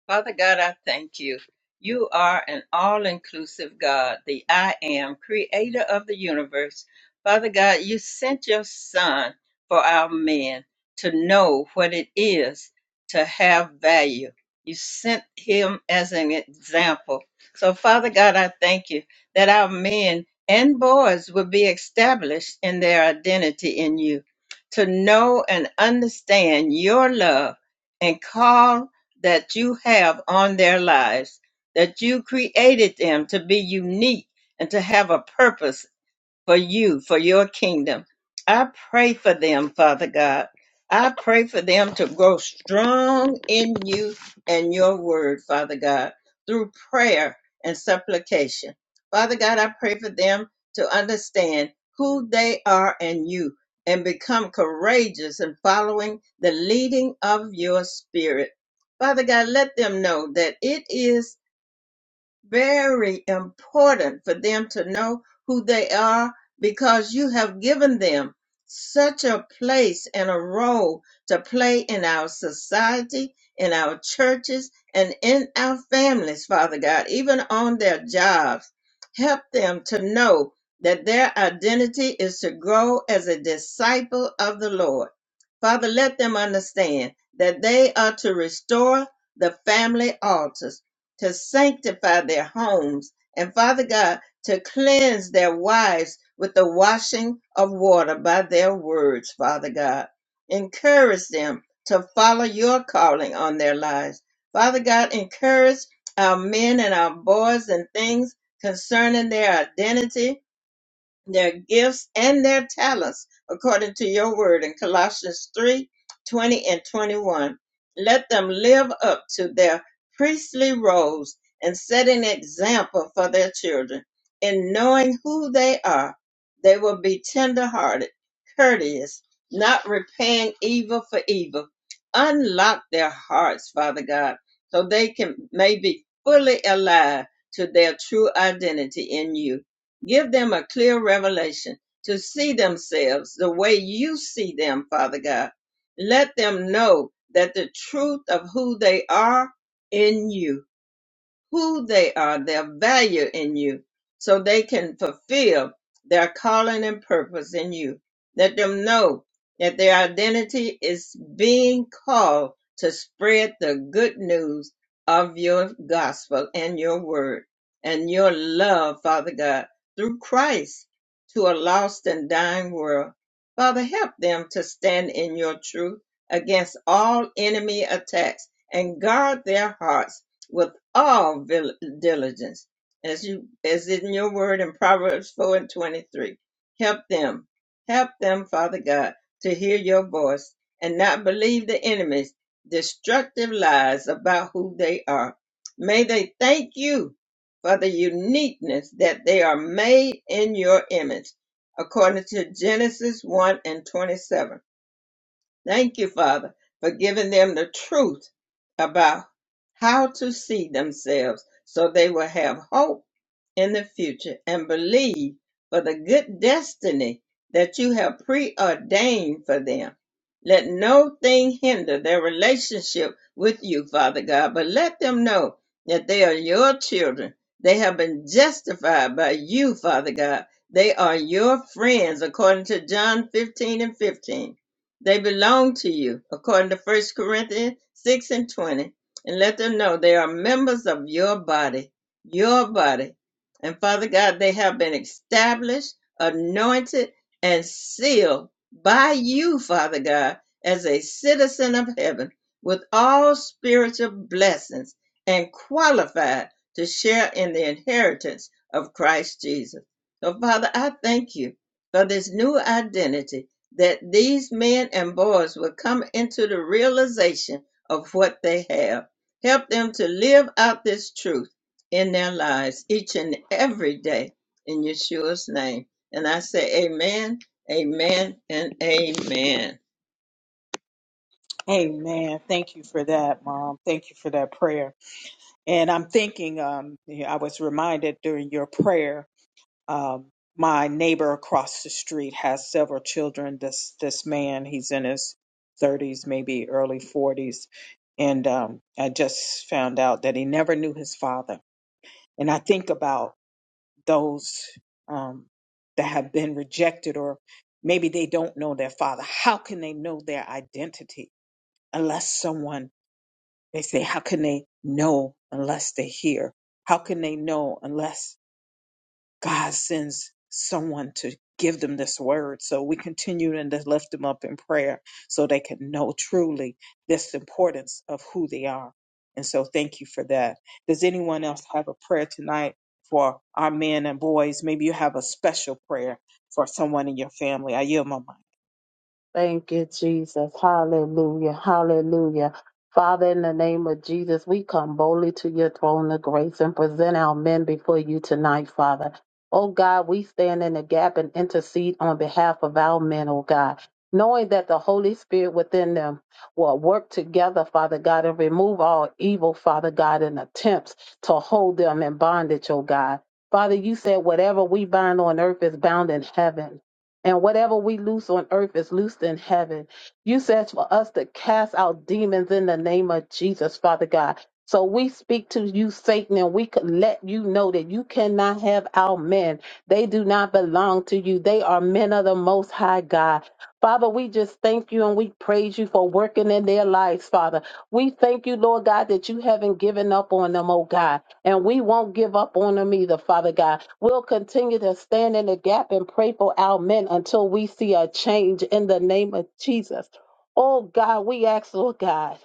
Father God, I thank you. You are an all inclusive God, the I am, creator of the universe. Father God, you sent your son for our men to know what it is to have value. You sent him as an example. So, Father God, I thank you that our men and boys will be established in their identity in you, to know and understand your love and call that you have on their lives, that you created them to be unique and to have a purpose for you, for your kingdom. I pray for them, Father God. I pray for them to grow strong in you and your word, Father God, through prayer and supplication. Father God, I pray for them to understand who they are in you and become courageous in following the leading of your spirit. Father God, let them know that it is very important for them to know who they are because you have given them such a place and a role to play in our society, in our churches, and in our families, Father God, even on their jobs. Help them to know that their identity is to grow as a disciple of the Lord Father, let them understand that they are to restore the family altars, to sanctify their homes, and Father God, to cleanse their wives with the washing of water by their words, Father God. Encourage them to follow your calling on their lives. Father God, encourage our men and our boys and things concerning their identity their gifts and their talents according to your word in Colossians 3 20 and 21. Let them live up to their priestly roles and set an example for their children. In knowing who they are, they will be tender-hearted, courteous, not repaying evil for evil. Unlock their hearts, Father God, so they can may be fully alive to their true identity in you. Give them a clear revelation to see themselves the way you see them, Father God. Let them know that the truth of who they are in you who they are, their value in you, so they can fulfill their calling and purpose in you. Let them know that their identity is being called to spread the good news of your gospel and your word and your love, Father God, through Christ to a lost and dying world. Father, help them to stand in your truth against all enemy attacks and guard their hearts all vil- diligence, as you as in your word in Proverbs four and twenty three. Help them, help them, Father God, to hear your voice and not believe the enemy's destructive lies about who they are. May they thank you for the uniqueness that they are made in your image, according to Genesis one and twenty seven Thank you, Father, for giving them the truth about how to see themselves so they will have hope in the future and believe for the good destiny that you have preordained for them. Let no thing hinder their relationship with you, Father God, but let them know that they are your children. They have been justified by you, Father God. They are your friends, according to John 15 and 15. They belong to you, according to First Corinthians 6 and 20. And let them know they are members of your body, your body and Father God, they have been established, anointed, and sealed by you, Father God, as a citizen of heaven with all spiritual blessings and qualified to share in the inheritance of Christ Jesus. So, Father, I thank you for this new identity that these men and boys will come into the realization of what they have. Help them to live out this truth in their lives each and every day in Yeshua's name. And I say, Amen, Amen, and Amen.
Amen. Thank you for that, Mom. Thank you for that prayer. And I'm thinking, um, yeah, I was reminded during your prayer, um, my neighbor across the street has several children. This this man, he's in his 30s, maybe early 40s, and um, I just found out that he never knew his father And I think about those um, that have been rejected, or maybe they don't know their father. How can they know their identity unless someone, they say, how can they know unless they hear? How can they know unless God sends someone to give them this word. So we continue and to lift them up in prayer so they can know truly this importance of who they are. And so thank you for that. Does anyone else have a prayer tonight for our men and boys? Maybe you have a special prayer for someone in your family. I yield my mic.
Thank you, Jesus. Hallelujah. Hallelujah. Father, in the name of Jesus, we come boldly to your throne of grace and present our men before you tonight, Father. Oh God, we stand in the gap and intercede on behalf of our men, oh God, knowing that the Holy Spirit within them will work together, Father God, and remove all evil, Father God, and attempts to hold them in bondage, oh God. Father, you said whatever we bind on earth is bound in heaven. And whatever we loose on earth is loosed in heaven. You said for us to cast out demons in the name of Jesus, Father God. So we speak to you, Satan, and we could let you know that you cannot have our men. They do not belong to you. They are men of the Most High God. Father, we just thank you and we praise you for working in their lives, Father. We thank you, Lord God, that you haven't given up on them, oh God. And we won't give up on them either, Father God. We'll continue to stand in the gap and pray for our men until we see a change in the name of Jesus. Oh God, we ask, Lord God.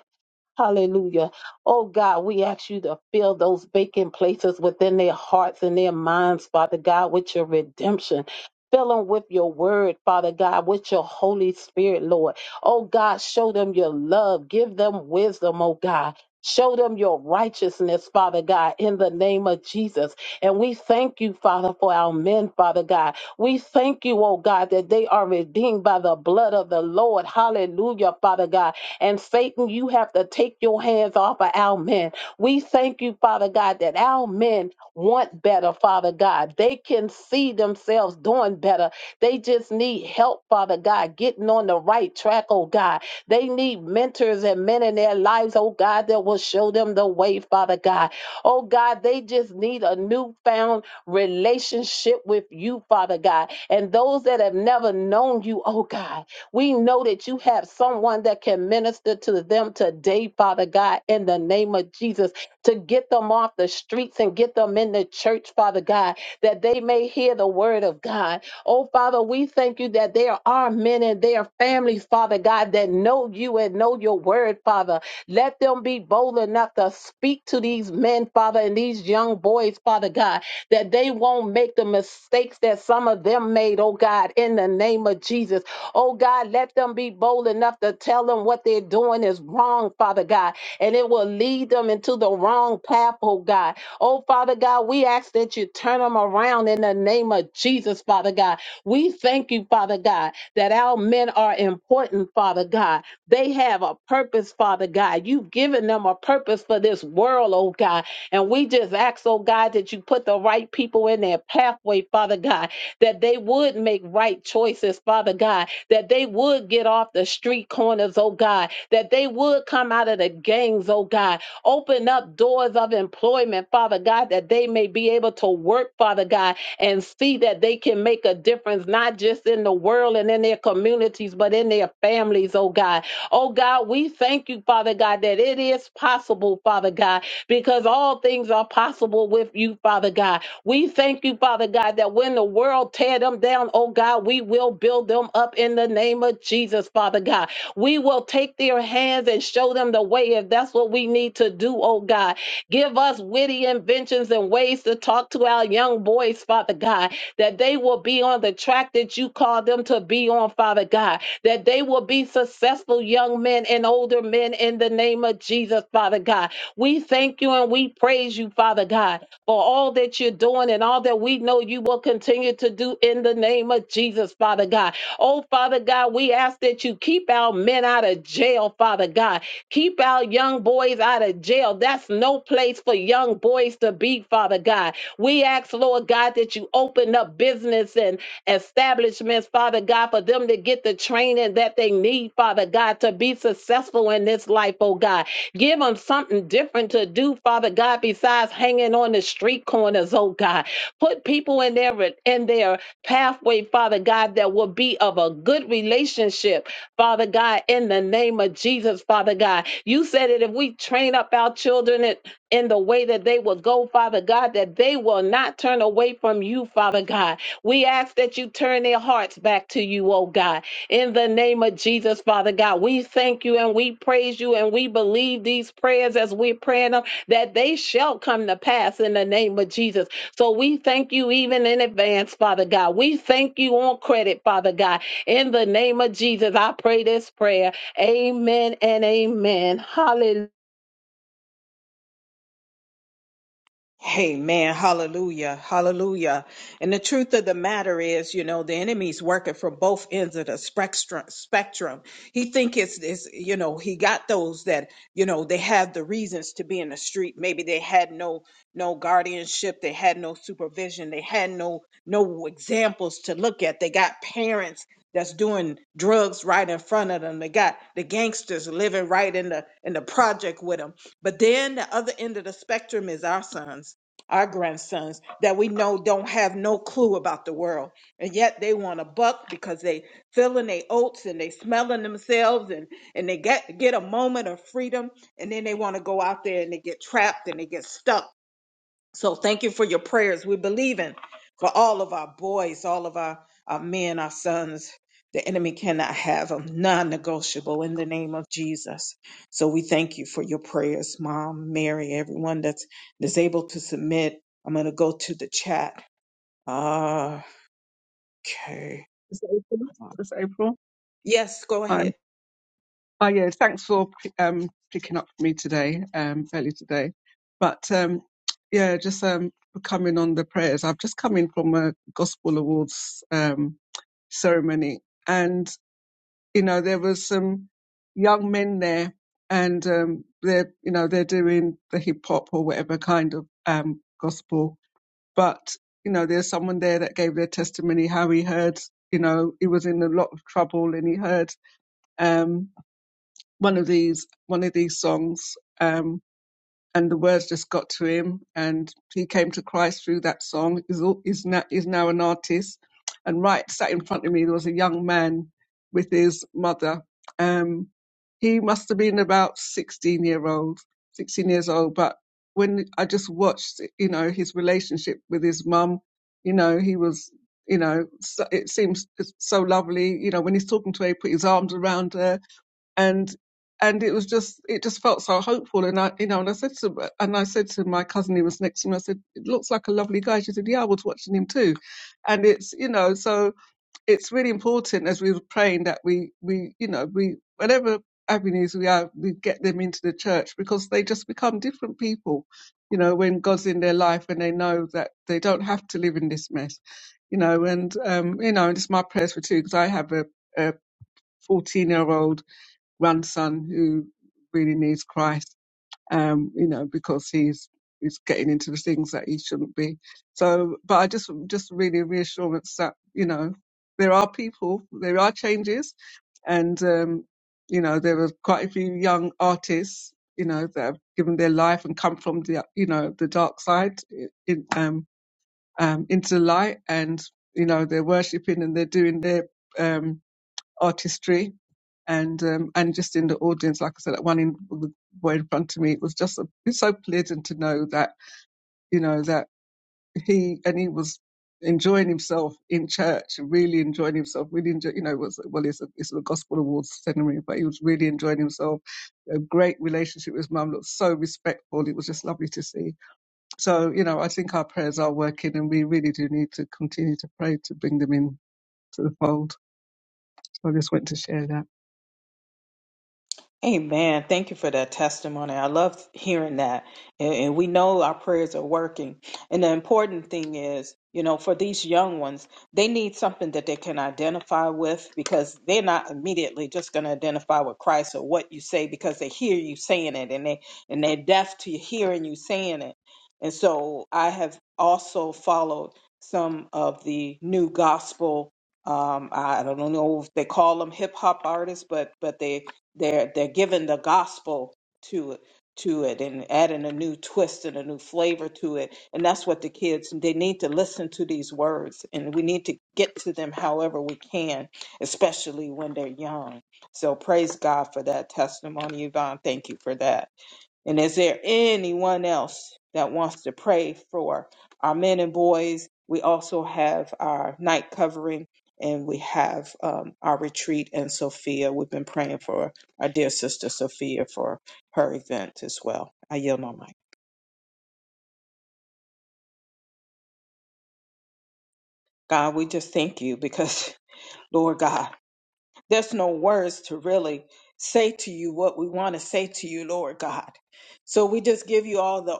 Hallelujah. Oh God, we ask you to fill those vacant places within their hearts and their minds, Father God, with your redemption. Fill them with your word, Father God, with your Holy Spirit, Lord. Oh God, show them your love. Give them wisdom, oh God. Show them your righteousness, Father God, in the name of Jesus. And we thank you, Father, for our men, Father God. We thank you, oh God, that they are redeemed by the blood of the Lord. Hallelujah, Father God and Satan, you have to take your hands off of our men. We thank you, Father God, that our men want better, Father God. They can see themselves doing better. They just need help, Father God, getting on the right track, oh God. They need mentors and men in their lives, oh God, that will show them the way, Father God. Oh God, they just need a newfound relationship with you, Father God. And those that have never known you, oh God. We know that you have someone that can minister to them today, Father God, in the name of Jesus, to get them off the streets and get them in the church, Father God, that they may hear the word of God. Oh, Father, we thank you that there are men and their families, Father God, that know you and know your word, Father. Let them be bold enough to speak to these men, Father, and these young boys, Father God, that they won't make the mistakes that some of them made, oh God, in the name of Jesus. Oh God, let them be bold enough to tell them what they're doing is wrong, Father God, and it will lead them into the wrong path, oh God. Oh Father God, we ask that you turn them around in the name of Jesus, Father God. We thank you, Father God, that our men are important, Father God. They have a purpose, Father God. You've given them a purpose for this world, oh God. And we just ask, oh God, that you put the right people in their pathway, Father God, that they would make right choices, Father God, that they would get off the street corners, oh God, that they would come out of the gangs, oh God. Open up doors of employment, Father God, that they may be able to work, Father God, and see that they can make a difference, not just in the world and in their communities, but in their families, oh God. Oh God, we thank you, Father God, that it is possible, Father God because all things are possible with you, Father God. We thank you, Father God, that when the world tear them down, oh God, we will build them up in the name of Jesus, Father God. We will take their hands and show them the way if that's what we need to do, oh God. Give us witty inventions and ways to talk to our young boys, Father God, that they will be on the track that you call them to be on, Father God, that they will be successful young men and older men in the name of Jesus, Father God we thank you and we praise you, Father God, for all that you're doing and all that we know you will continue to do in the name of Jesus, Father God. Oh, Father God, we ask that you keep our men out of jail, Father God. Keep our young boys out of jail. That's no place for young boys to be, Father God. We ask, Lord God, that you open up business and establishments, Father God, for them to get the training that they need, Father God, to be successful in this life, oh God. Give them something different to do, Father God, besides hanging on the street corners, oh God. Put people in their in their pathway, Father God, that will be of a good relationship, Father God, in the name of Jesus, Father God. You said that if we train up our children in, in the way that they will go, Father God, that they will not turn away from you, Father God. We ask that you turn their hearts back to you, oh God in the name of Jesus, Father God. We thank you and we praise you and we believe these prayers as we're praying them that they shall come to pass in the name of Jesus. So we thank you even in advance, Father God. We thank you on credit, Father God. In the name of Jesus, I pray this prayer. Amen and amen. Hallelujah.
Amen. Hallelujah. Hallelujah. And the truth of the matter is, you know, the enemy's working from both ends of the spectrum. Spectrum. He think it's this, you know, he got those that, you know, they have the reasons to be in the street. Maybe they had no no guardianship, they had no supervision, they had no no examples to look at. They got parents that's doing drugs right in front of them. They got the gangsters living right in the in the project with them but then the other end of the spectrum is our sons, our grandsons that we know don't have no clue about the world. And yet they want a buck because they filling their oats and they smelling themselves and, and they get, get a moment of freedom. And then they want to go out there and they get trapped and they get stuck so thank you for your prayers. We're believing for all of our boys, all of our, our men, our sons. The enemy cannot have them, non negotiable in the name of Jesus. So we thank you for your prayers, Mom, Mary, everyone that's, that's able to submit. I'm going to go to the chat. Okay.
Is it April? Is it April?
Yes, go
Hi.
ahead.
Hi, yeah, thanks for um, picking up for me today, um, early today. But um, yeah, just um, for coming on the prayers. I've just come in from a Gospel Awards um, ceremony, and you know there was some young men there, and um, they're you know they're doing the hip hop or whatever kind of um, gospel, but you know there's someone there that gave their testimony how he heard you know he was in a lot of trouble and he heard um, one of these one of these songs, um, and the words just got to him, and he came to Christ through that song. Is is now is now an artist, and right sat in front of me there was a young man with his mother. Um, he must have been about sixteen year old, sixteen years old, but when I just watched, you know, his relationship with his mum, you know, he was. You know, so, it seems so lovely. You know, when he's talking to her, he put his arms around her and and it was just it just felt so hopeful and i you know and i said to and i said to my cousin who was next to me i said it looks like a lovely guy she said yeah i was watching him too and it's you know so it's really important as we were praying that we we you know we whatever avenues we are we get them into the church because they just become different people you know when god's in their life and they know that they don't have to live in this mess you know and um you know and it's my prayers for too because i have a a 14 year old grandson who really needs Christ, um, you know, because he's he's getting into the things that he shouldn't be. So, but I just just really reassurance that you know there are people, there are changes, and um, you know there are quite a few young artists, you know, that have given their life and come from the you know the dark side i- in, um, um, into the light, and you know they're worshiping and they're doing their um, artistry and um, and just in the audience, like I said, that one in the boy in front of me, it was just a, it's so pleasant to know that you know that he and he was enjoying himself in church, really enjoying himself, really enjoy, you know, it was well, it's a, it's a gospel awards ceremony, but he was really enjoying himself. A great relationship with his mum, looked so respectful. It was just lovely to see. So you know, I think our prayers are working, and we really do need to continue to pray to bring them in to the fold. So I just want to share that.
Amen. Thank you for that testimony. I love hearing that. And, and we know our prayers are working. And the important thing is, you know, for these young ones, they need something that they can identify with because they're not immediately just going to identify with Christ or what you say because they hear you saying it and they and they're deaf to hearing you saying it. And so I have also followed some of the new gospel um, I don't know if they call them hip hop artists, but but they they're they're giving the gospel to it to it and adding a new twist and a new flavor to it and that's what the kids they need to listen to these words and we need to get to them however we can especially when they're young so praise god for that testimony yvonne thank you for that and is there anyone else that wants to pray for our men and boys? We also have our night covering and we have um, our retreat in Sophia. We've been praying for our dear sister Sophia for her event as well. I yield my mic. God, we just thank you because, Lord God, There's no words to really say to you what we want to say to you, Lord God. So we just give you all the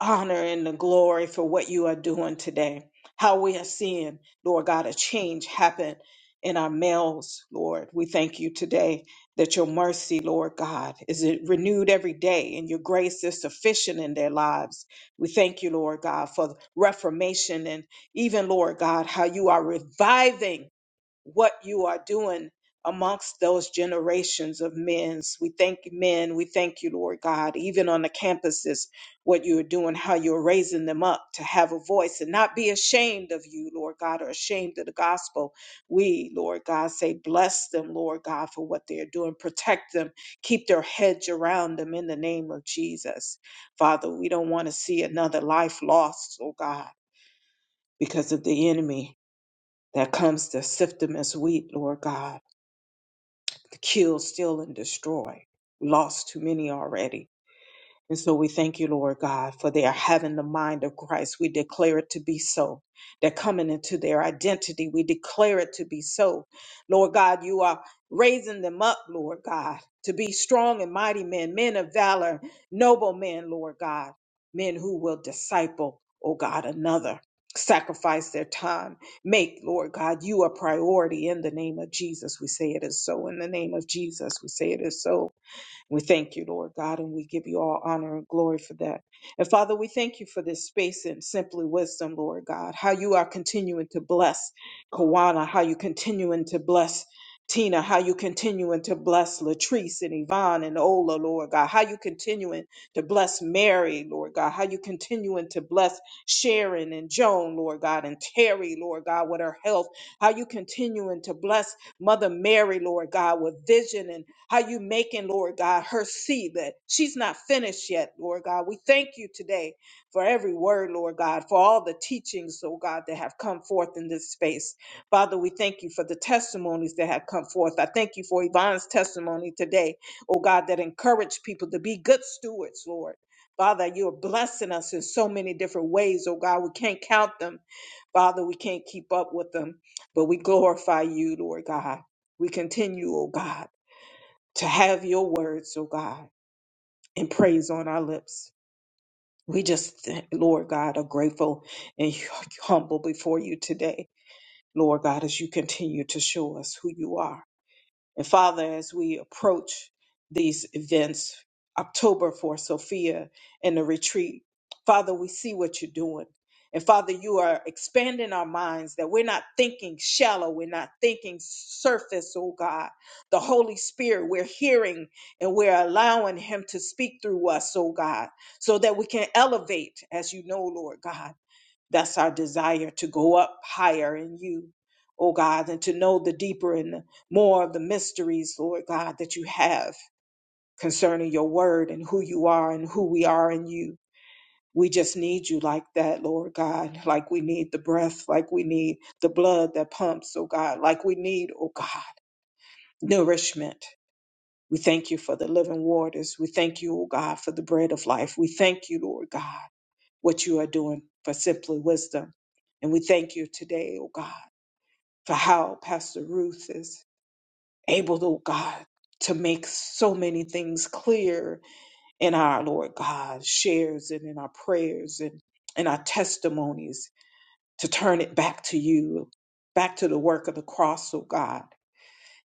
honor and the glory for what you are doing today, how we are seeing, Lord God, a change happen in our males, Lord. We thank you today that your mercy, Lord God, is renewed every day and your grace is sufficient in their lives. We thank you, Lord God, for reformation and even, Lord God, how you are reviving what you are doing amongst those generations of men, We thank you, men. We thank you, Lord God, even on the campuses, what you are doing, how you're raising them up to have a voice and not be ashamed of you, Lord God, or ashamed of the gospel. We, Lord God, say, bless them, Lord God, for what they're doing. Protect them. Keep their hedge around them in the name of Jesus. Father, we don't want to see another life lost, oh God, because of the enemy that comes to sift them as wheat, Lord God to kill, steal, and destroy. lost too many already. And so we thank you, Lord God, for they are having the mind of Christ. We declare it to be so. They're coming into their identity. We declare it to be so. Lord God, you are raising them up, Lord God, to be strong and mighty men, men of valor, noble men, Lord God, men who will disciple, oh God, another. Sacrifice their time. Make, Lord God, you a priority in the name of Jesus. We say it is so. In the name of Jesus, we say it is so. We thank you, Lord God, and we give you all honor and glory for that. And Father, we thank you for this space and simply wisdom, Lord God, how you are continuing to bless Kawana, how you continuing to bless Tina, how you continuing to bless Latrice and Yvonne and Ola, Lord God, how you continuing to bless Mary, Lord God, how you continuing to bless Sharon and Joan, Lord God, and Terry, Lord God, with her health, how you continuing to bless Mother Mary, Lord God, with vision and how you making, Lord God, her see that she's not finished yet, Lord God. We thank you today for every word, Lord God, for all the teachings, oh God, that have come forth in this space. Father, we thank you for the testimonies that have come forth. I thank you for Yvonne's testimony today, oh God, that encouraged people to be good stewards, Lord. Father, you're blessing us in so many different ways, oh God. We can't count them. Father, we can't keep up with them, but we glorify you, Lord God. We continue, oh God to have your words, oh God, and praise on our lips. We just, thank- Lord God, are grateful and humble before you today, Lord God, as you continue to show us who you are. And Father, as we approach these events, October for Sophia and the retreat, Father, we see what you're doing. And Father, you are expanding our minds that we're not thinking shallow, we're not thinking surface, oh God. The Holy Spirit, we're hearing and we're allowing Him to speak through us, oh God, so that we can elevate, as you know, Lord God. That's our desire to go up higher in you, oh God, and to know the deeper and the more of the mysteries, Lord God, that you have concerning your word and who you are and who we are in you. We just need you like that, Lord God, like we need the breath, like we need the blood that pumps, oh God, like we need, oh God, nourishment. We thank you for the living waters. We thank you, oh God, for the bread of life. We thank you, Lord God what you are doing for Simply Wisdom. And we thank you today, oh God, for how Pastor Ruth is able, oh God, to make so many things clear in our Lord God shares and in our prayers and in our testimonies to turn it back to you, back to the work of the cross, oh God.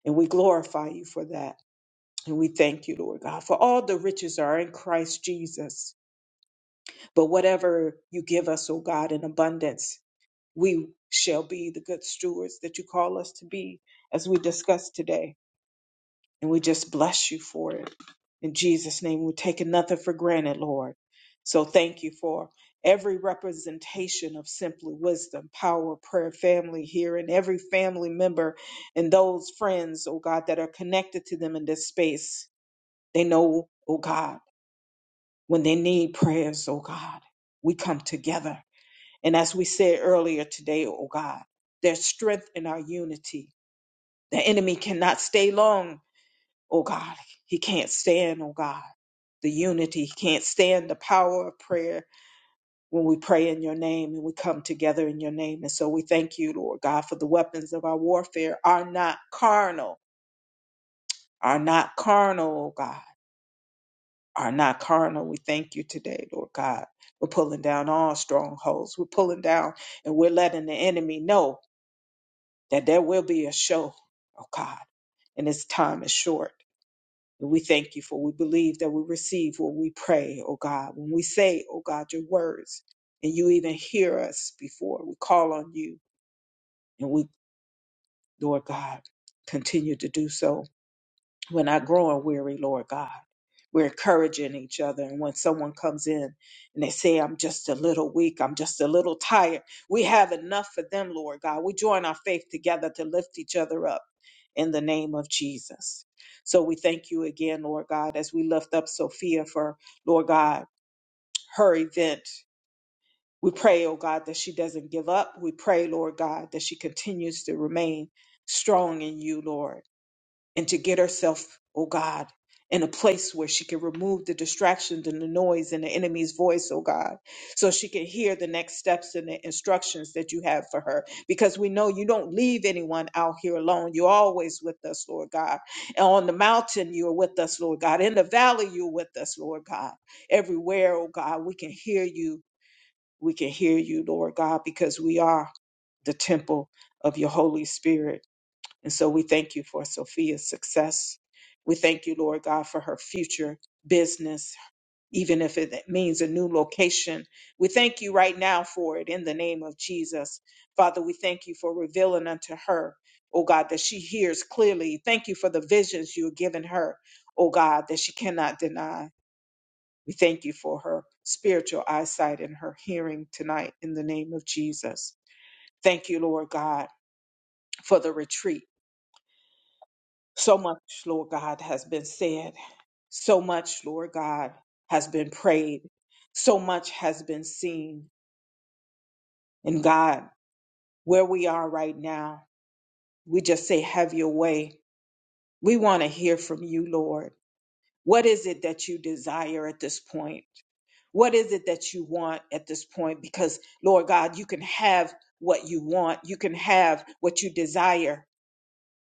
And we glorify you for that. And we thank you, Lord God, for all the riches are in Christ Jesus. But whatever you give us, oh God, in abundance, we shall be the good stewards that you call us to be as we discuss today. And we just bless you for it. In Jesus' name, we take nothing for granted, Lord. So thank you for every representation of simply wisdom, power, prayer, family here, and every family member and those friends, oh God, that are connected to them in this space. They know, oh God, when they need prayers, oh God, we come together and as we said earlier today, oh God, there's strength in our unity. The enemy cannot stay long, oh God. He can't stand, oh God, the unity. He can't stand the power of prayer when we pray in your name and we come together in your name. And so we thank you, Lord God, for the weapons of our warfare are not carnal, are not carnal, oh God, are not carnal. We thank you today, Lord God. We're pulling down all strongholds. We're pulling down and we're letting the enemy know. that there will be a show, oh God, and this time is short. And we thank you for we believe that we receive what we pray, oh God. When we say, oh God, your words, and you even hear us before we call on you, and we, Lord God, continue to do so We're not growing weary, Lord God. We're encouraging each other. And when someone comes in and they say, I'm just a little weak, I'm just a little tired, we have enough for them, Lord God. We join our faith together to lift each other up in the name of Jesus. So we thank you again, Lord God, as we lift up Sophia for, Lord God, her event. We pray, oh God, that she doesn't give up. We pray, Lord God, that she continues to remain strong in you, Lord and to get herself, oh God, in a place where she can remove the distractions and the noise and the enemy's voice, oh God, so she can hear the next steps and the instructions that you have for her. Because we know you don't leave anyone out here alone. You're always with us, Lord God. And on the mountain, you're with us, Lord God. In the valley, you're with us, Lord God. Everywhere, oh God, we can hear you. We can hear you, Lord God, because we are the temple of your Holy Spirit. And so we thank you for Sophia's success. We thank you, Lord God, for her future business, even if it means a new location. We thank you right now for it in the name of Jesus. Father, we thank you for revealing unto her, oh God, that she hears clearly. Thank you for the visions you have given her, oh God, that she cannot deny. We thank you for her spiritual eyesight and her hearing tonight in the name of Jesus. Thank you, Lord God, for the retreat. So much, Lord God, has been said. So much, Lord God, has been prayed. So much has been seen. And God, where we are right now, we just say, Have your way. We want to hear from you, Lord. What is it that you desire at this point? What is it that you want at this point? Because, Lord God, you can have what you want, you can have what you desire.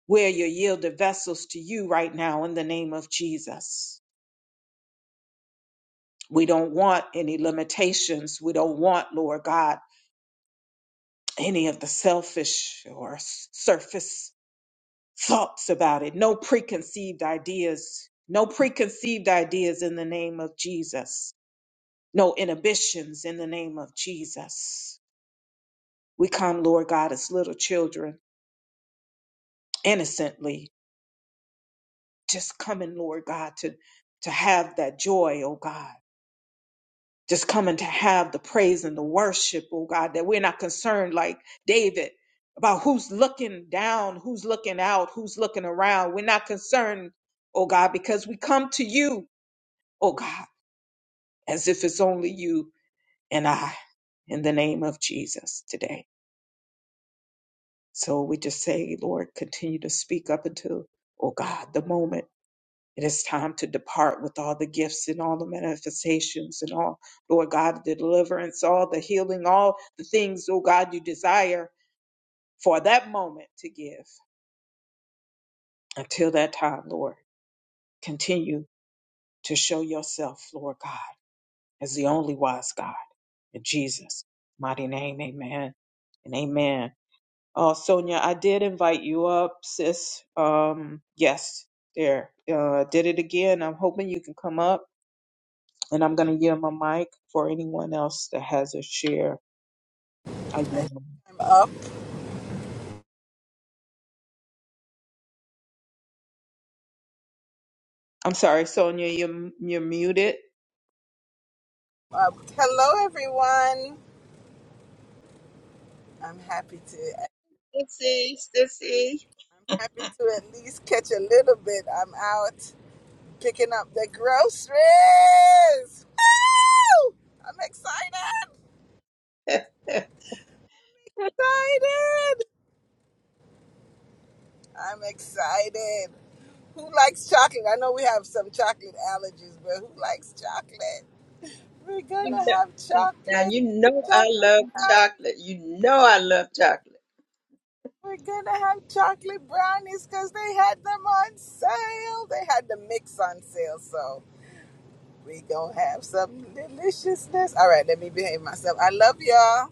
We're Your yielded vessels to you right now in the name of Jesus. We don't want any limitations. We don't want, Lord God, any of the selfish or s- surface thoughts about it. No preconceived ideas. No preconceived ideas in the name of Jesus. No inhibitions in the name of Jesus. We come, Lord God, as little children, innocently, just coming, Lord God, to, to have that joy, oh God just coming to have the praise and the worship, oh God, that we're not concerned like David about who's looking down, who's looking out, who's looking around. We're not concerned, oh God, because we come to you, oh God, as if it's only you and I in the name of Jesus today. So we just say, Lord, continue to speak up until, oh God, the moment. It is time to depart with all the gifts and all the manifestations and all, Lord God, the deliverance, all the healing, all the things, oh God, you desire for that moment to give. Until that time, Lord, continue to show yourself, Lord God, as the only wise God. In Jesus' mighty name, amen and amen. Oh, Sonia, I did invite you up, sis. Um, yes, there. Uh, did it again. I'm hoping you can come up. And I'm going to give my mic for anyone else that has a share. I yield my mic.
Up,
I'm sorry, Sonia, you're, you're muted.
uh, hello everyone. I'm happy to.
Sissy, Sissy.
I'm happy to at least catch a little bit. I'm out picking up the groceries. Woo! I'm excited. Excited. I'm excited. Who likes chocolate? I know we have some chocolate allergies, but who likes chocolate? We're
You
gonna
know-
have
now,
chocolate.
you know I love
Chocolate.
chocolate. You know I love chocolate.
We're gonna have chocolate brownies because they had them on sale. They had the mix on sale, so we gonna have some deliciousness. All right, let me behave myself. I love y'all.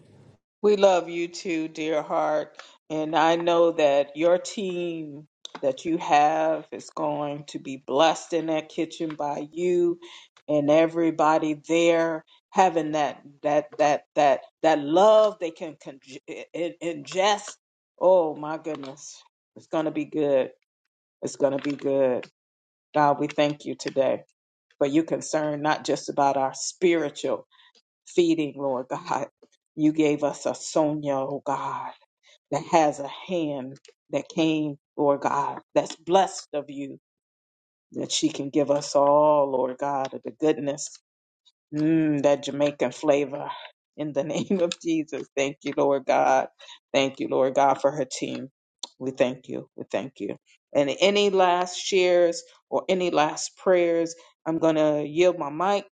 We love you too, dear heart. And I know that your team that you have is going to be blessed in that kitchen by you and everybody there having that that that that that love they can con- in- ingest. Oh my goodness. It's going to be good. It's going to be good. God, we thank you today for you concerned not just about our spiritual feeding, Lord God. You gave us a Sonia, oh God, that has a hand that came, Lord God, that's blessed of you, that she can give us all, Lord God, of the goodness Mm, that Jamaican flavor in the name of Jesus. Thank you, Lord God. Thank you, Lord God, for her team. We thank you. We thank you. And any last shares or any last prayers, I'm going to yield my mic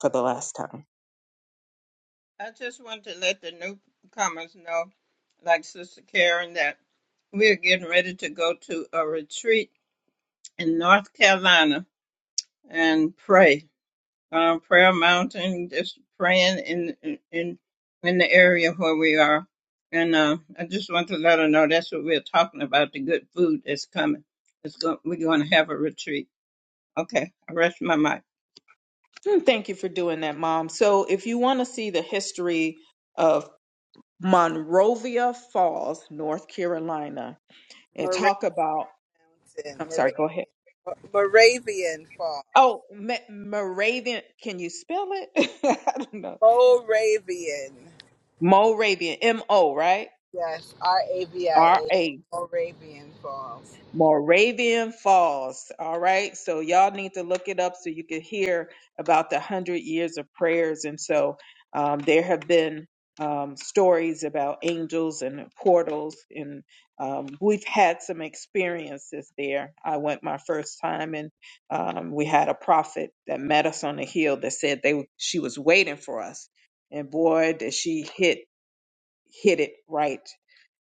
for the last time.
I just want to let the newcomers know, like Sister Karen, that we're getting ready to go to a retreat in North Carolina and pray. uh, prayer mountain, just praying in in in in the area where we are. And uh, I just want to let her know that's what we're talking about. The good food that's coming. It's going. We're going to have a retreat. Okay, I rest my mic.
Mm, Thank you for doing that, Mom. So, if you want to see the history of Monrovia Falls, North Carolina, and
Moravian
talk about,
Mountain,
I'm sorry, go ahead.
Moravian, Moravian Fall,
Oh, Ma- Moravian, can you spell it? I don't know
Moravian.
Moravian, M O, right?
Yes, R A V I
R
A N,
A,
Moravian Falls.
Moravian Falls. All right. So y'all need to look it up so you can hear about the hundred years of prayers. And so um, there have been um, stories about angels and portals, and um, we've had some experiences there. I went my first time, and um, we had a prophet that met us on the hill that said they she was waiting for us, and boy, did she hit hit it right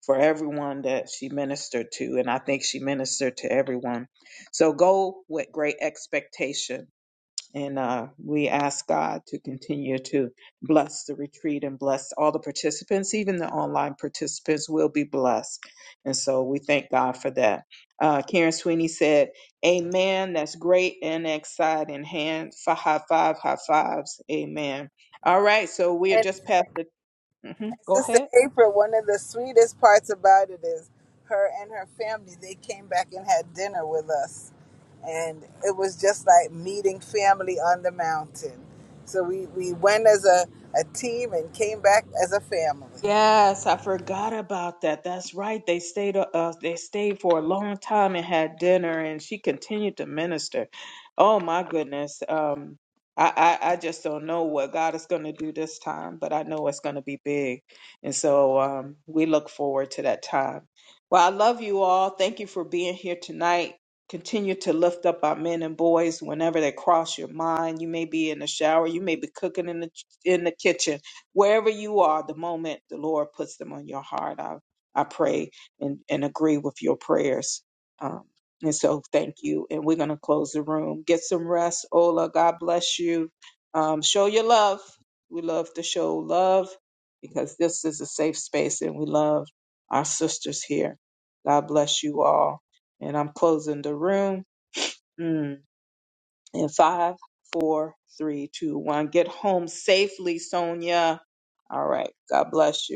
for everyone that she ministered to. And I think she ministered to everyone. So go with great expectation. And uh, we ask God to continue to bless the retreat and bless all the participants, even the online participants will be blessed. And so we thank God for that. Uh, Karen Sweeney said, Amen. That's great and exciting. Hand for high five, high fives. Amen. All right. So we are
and.
just past the. Mhm. Go ahead.
Sister April, one of the sweetest parts about it is her and her family, they came back and had dinner with us. And it was just like meeting family on the mountain. So we, we went as a, a team and came back as a family.
Yes, I forgot about that. That's right. They stayed uh uh, they stayed for a long time and had dinner and she continued to minister. Oh my goodness. Um I, I, I just don't know what God is going to do this time, but I know it's going to be big. And so um, we look forward to that time. Well, I love you all. Thank you for being here tonight. Continue to lift up our men and boys whenever they cross your mind. You may be in the shower, you may be cooking in the in the kitchen wherever you are, the moment the Lord puts them on your heart, I, I pray and, and agree with your prayers. Um, and so thank you. And we're going to close the room. Get some rest. Ola, God bless you. Um, show your love. We love to show love because this is a safe space and we love our sisters here. God bless you all. And I'm closing the room mm. in five, four, three, two, one. Get home safely, Sonia. All right. God bless you.